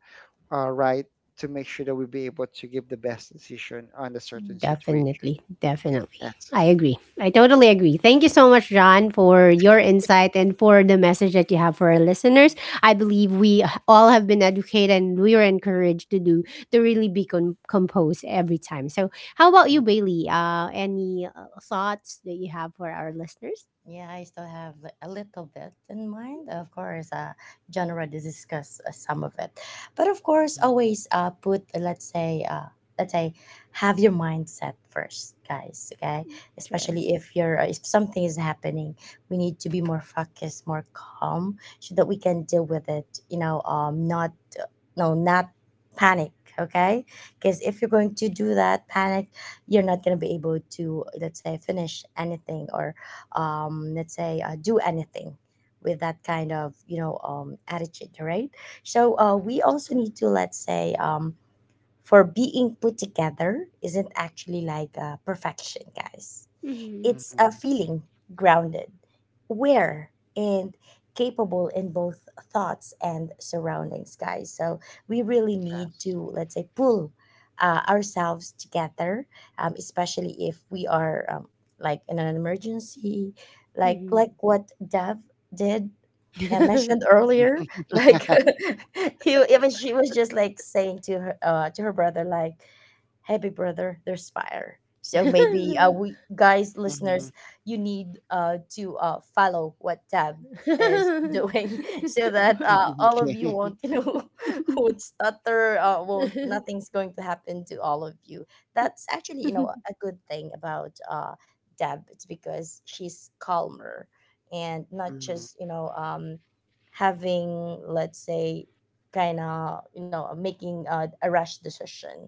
Speaker 3: uh, right, to make sure that we'll be able to give the best decision on a certain situation.
Speaker 1: Definitely, definitely.
Speaker 3: Yes.
Speaker 1: I agree. I totally agree. Thank you so much, John, for your insight and for the message that you have for our listeners. I believe we all have been educated and we are encouraged to do, to really be com- composed every time. So, how about you,
Speaker 3: Mhm,
Speaker 1: Bailey? Uh, any uh, thoughts that you have for our listeners?
Speaker 2: Yeah, I still have li- a little bit in mind. Of course, uh, genre to discuss uh, some of it, but of course, always uh, put uh, let's say uh, let's say have your mindset first, guys. Okay,
Speaker 1: True.
Speaker 2: especially if you're uh, if something is happening, we need to be more focused, more calm, so that we can deal with it. You know, um, not uh, no, not panic. Okay, because if you're going to do that, panic, you're not gonna be able to, let's say, finish anything or um, let's say uh, do anything with that kind of you know um, attitude, right? So uh, we also need to, let's say, um, for being put together isn't actually like uh, perfection, guys.
Speaker 1: Hmm.
Speaker 2: It's a feeling grounded, aware, and capable in both thoughts and surroundings, guys. So we really need to, let's say, pull uh, ourselves together, um, especially if we are um, like in an emergency, like
Speaker 1: Hmm.
Speaker 2: like what Dev did. I mentioned earlier,
Speaker 3: mhm.
Speaker 2: like he, even she was just like saying to her uh, to her brother, like, hey, big brother, there's fire. So maybe uh, we, guys,
Speaker 3: Mhm.
Speaker 2: listeners, you need uh, to uh, follow what Tab is doing so that uh, all of
Speaker 3: Okay.
Speaker 2: you won't, you know, won't stutter, uh, won't, nothing's going to happen to all of you. That's actually, you know, a good thing about uh, Deb. It's because she's calmer and not just,
Speaker 3: Hmm.
Speaker 2: you know, um, having, let's say, kind of, you know, making uh, a rash decision,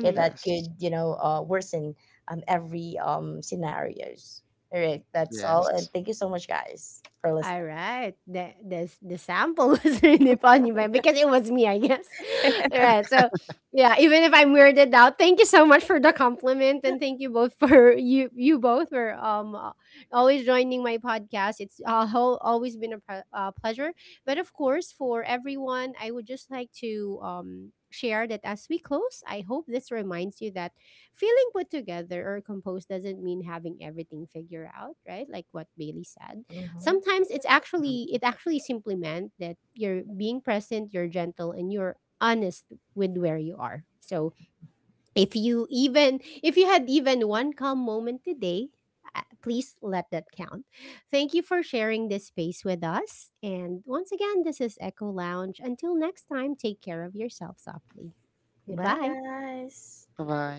Speaker 2: okay, that
Speaker 3: Yes.
Speaker 2: could you know uh, worsen um, every um, scenarios. All right, that's all,
Speaker 3: Yes.
Speaker 2: and thank you so much, guys, for listening.
Speaker 1: Alright, the the s the sample was really funny, but because it was me, I guess. Alright, so, yeah, even if I'm weirded out, thank you so much for the compliment, and thank you both for you you both for, um, uh, always joining my podcast. It's, uh, ho always been a pre uh, pleasure, but of course, for everyone, I would just like to, um, share that as we close, I hope this reminds you that feeling put together or composed doesn't mean having everything figured out, right? Like what Bailey said.
Speaker 2: Hmm.
Speaker 1: Sometimes it's actually it actually simply meant that you're being present, you're gentle, and you're honest with where you are. So if you even if you had even one calm moment today, uh, please let that count. Thank you for sharing this space with us. And once again, this is Echo Lounge. Until next time, take care of yourself softly.
Speaker 2: Bye,
Speaker 1: Goodbye.
Speaker 2: guys.
Speaker 3: Bye bye.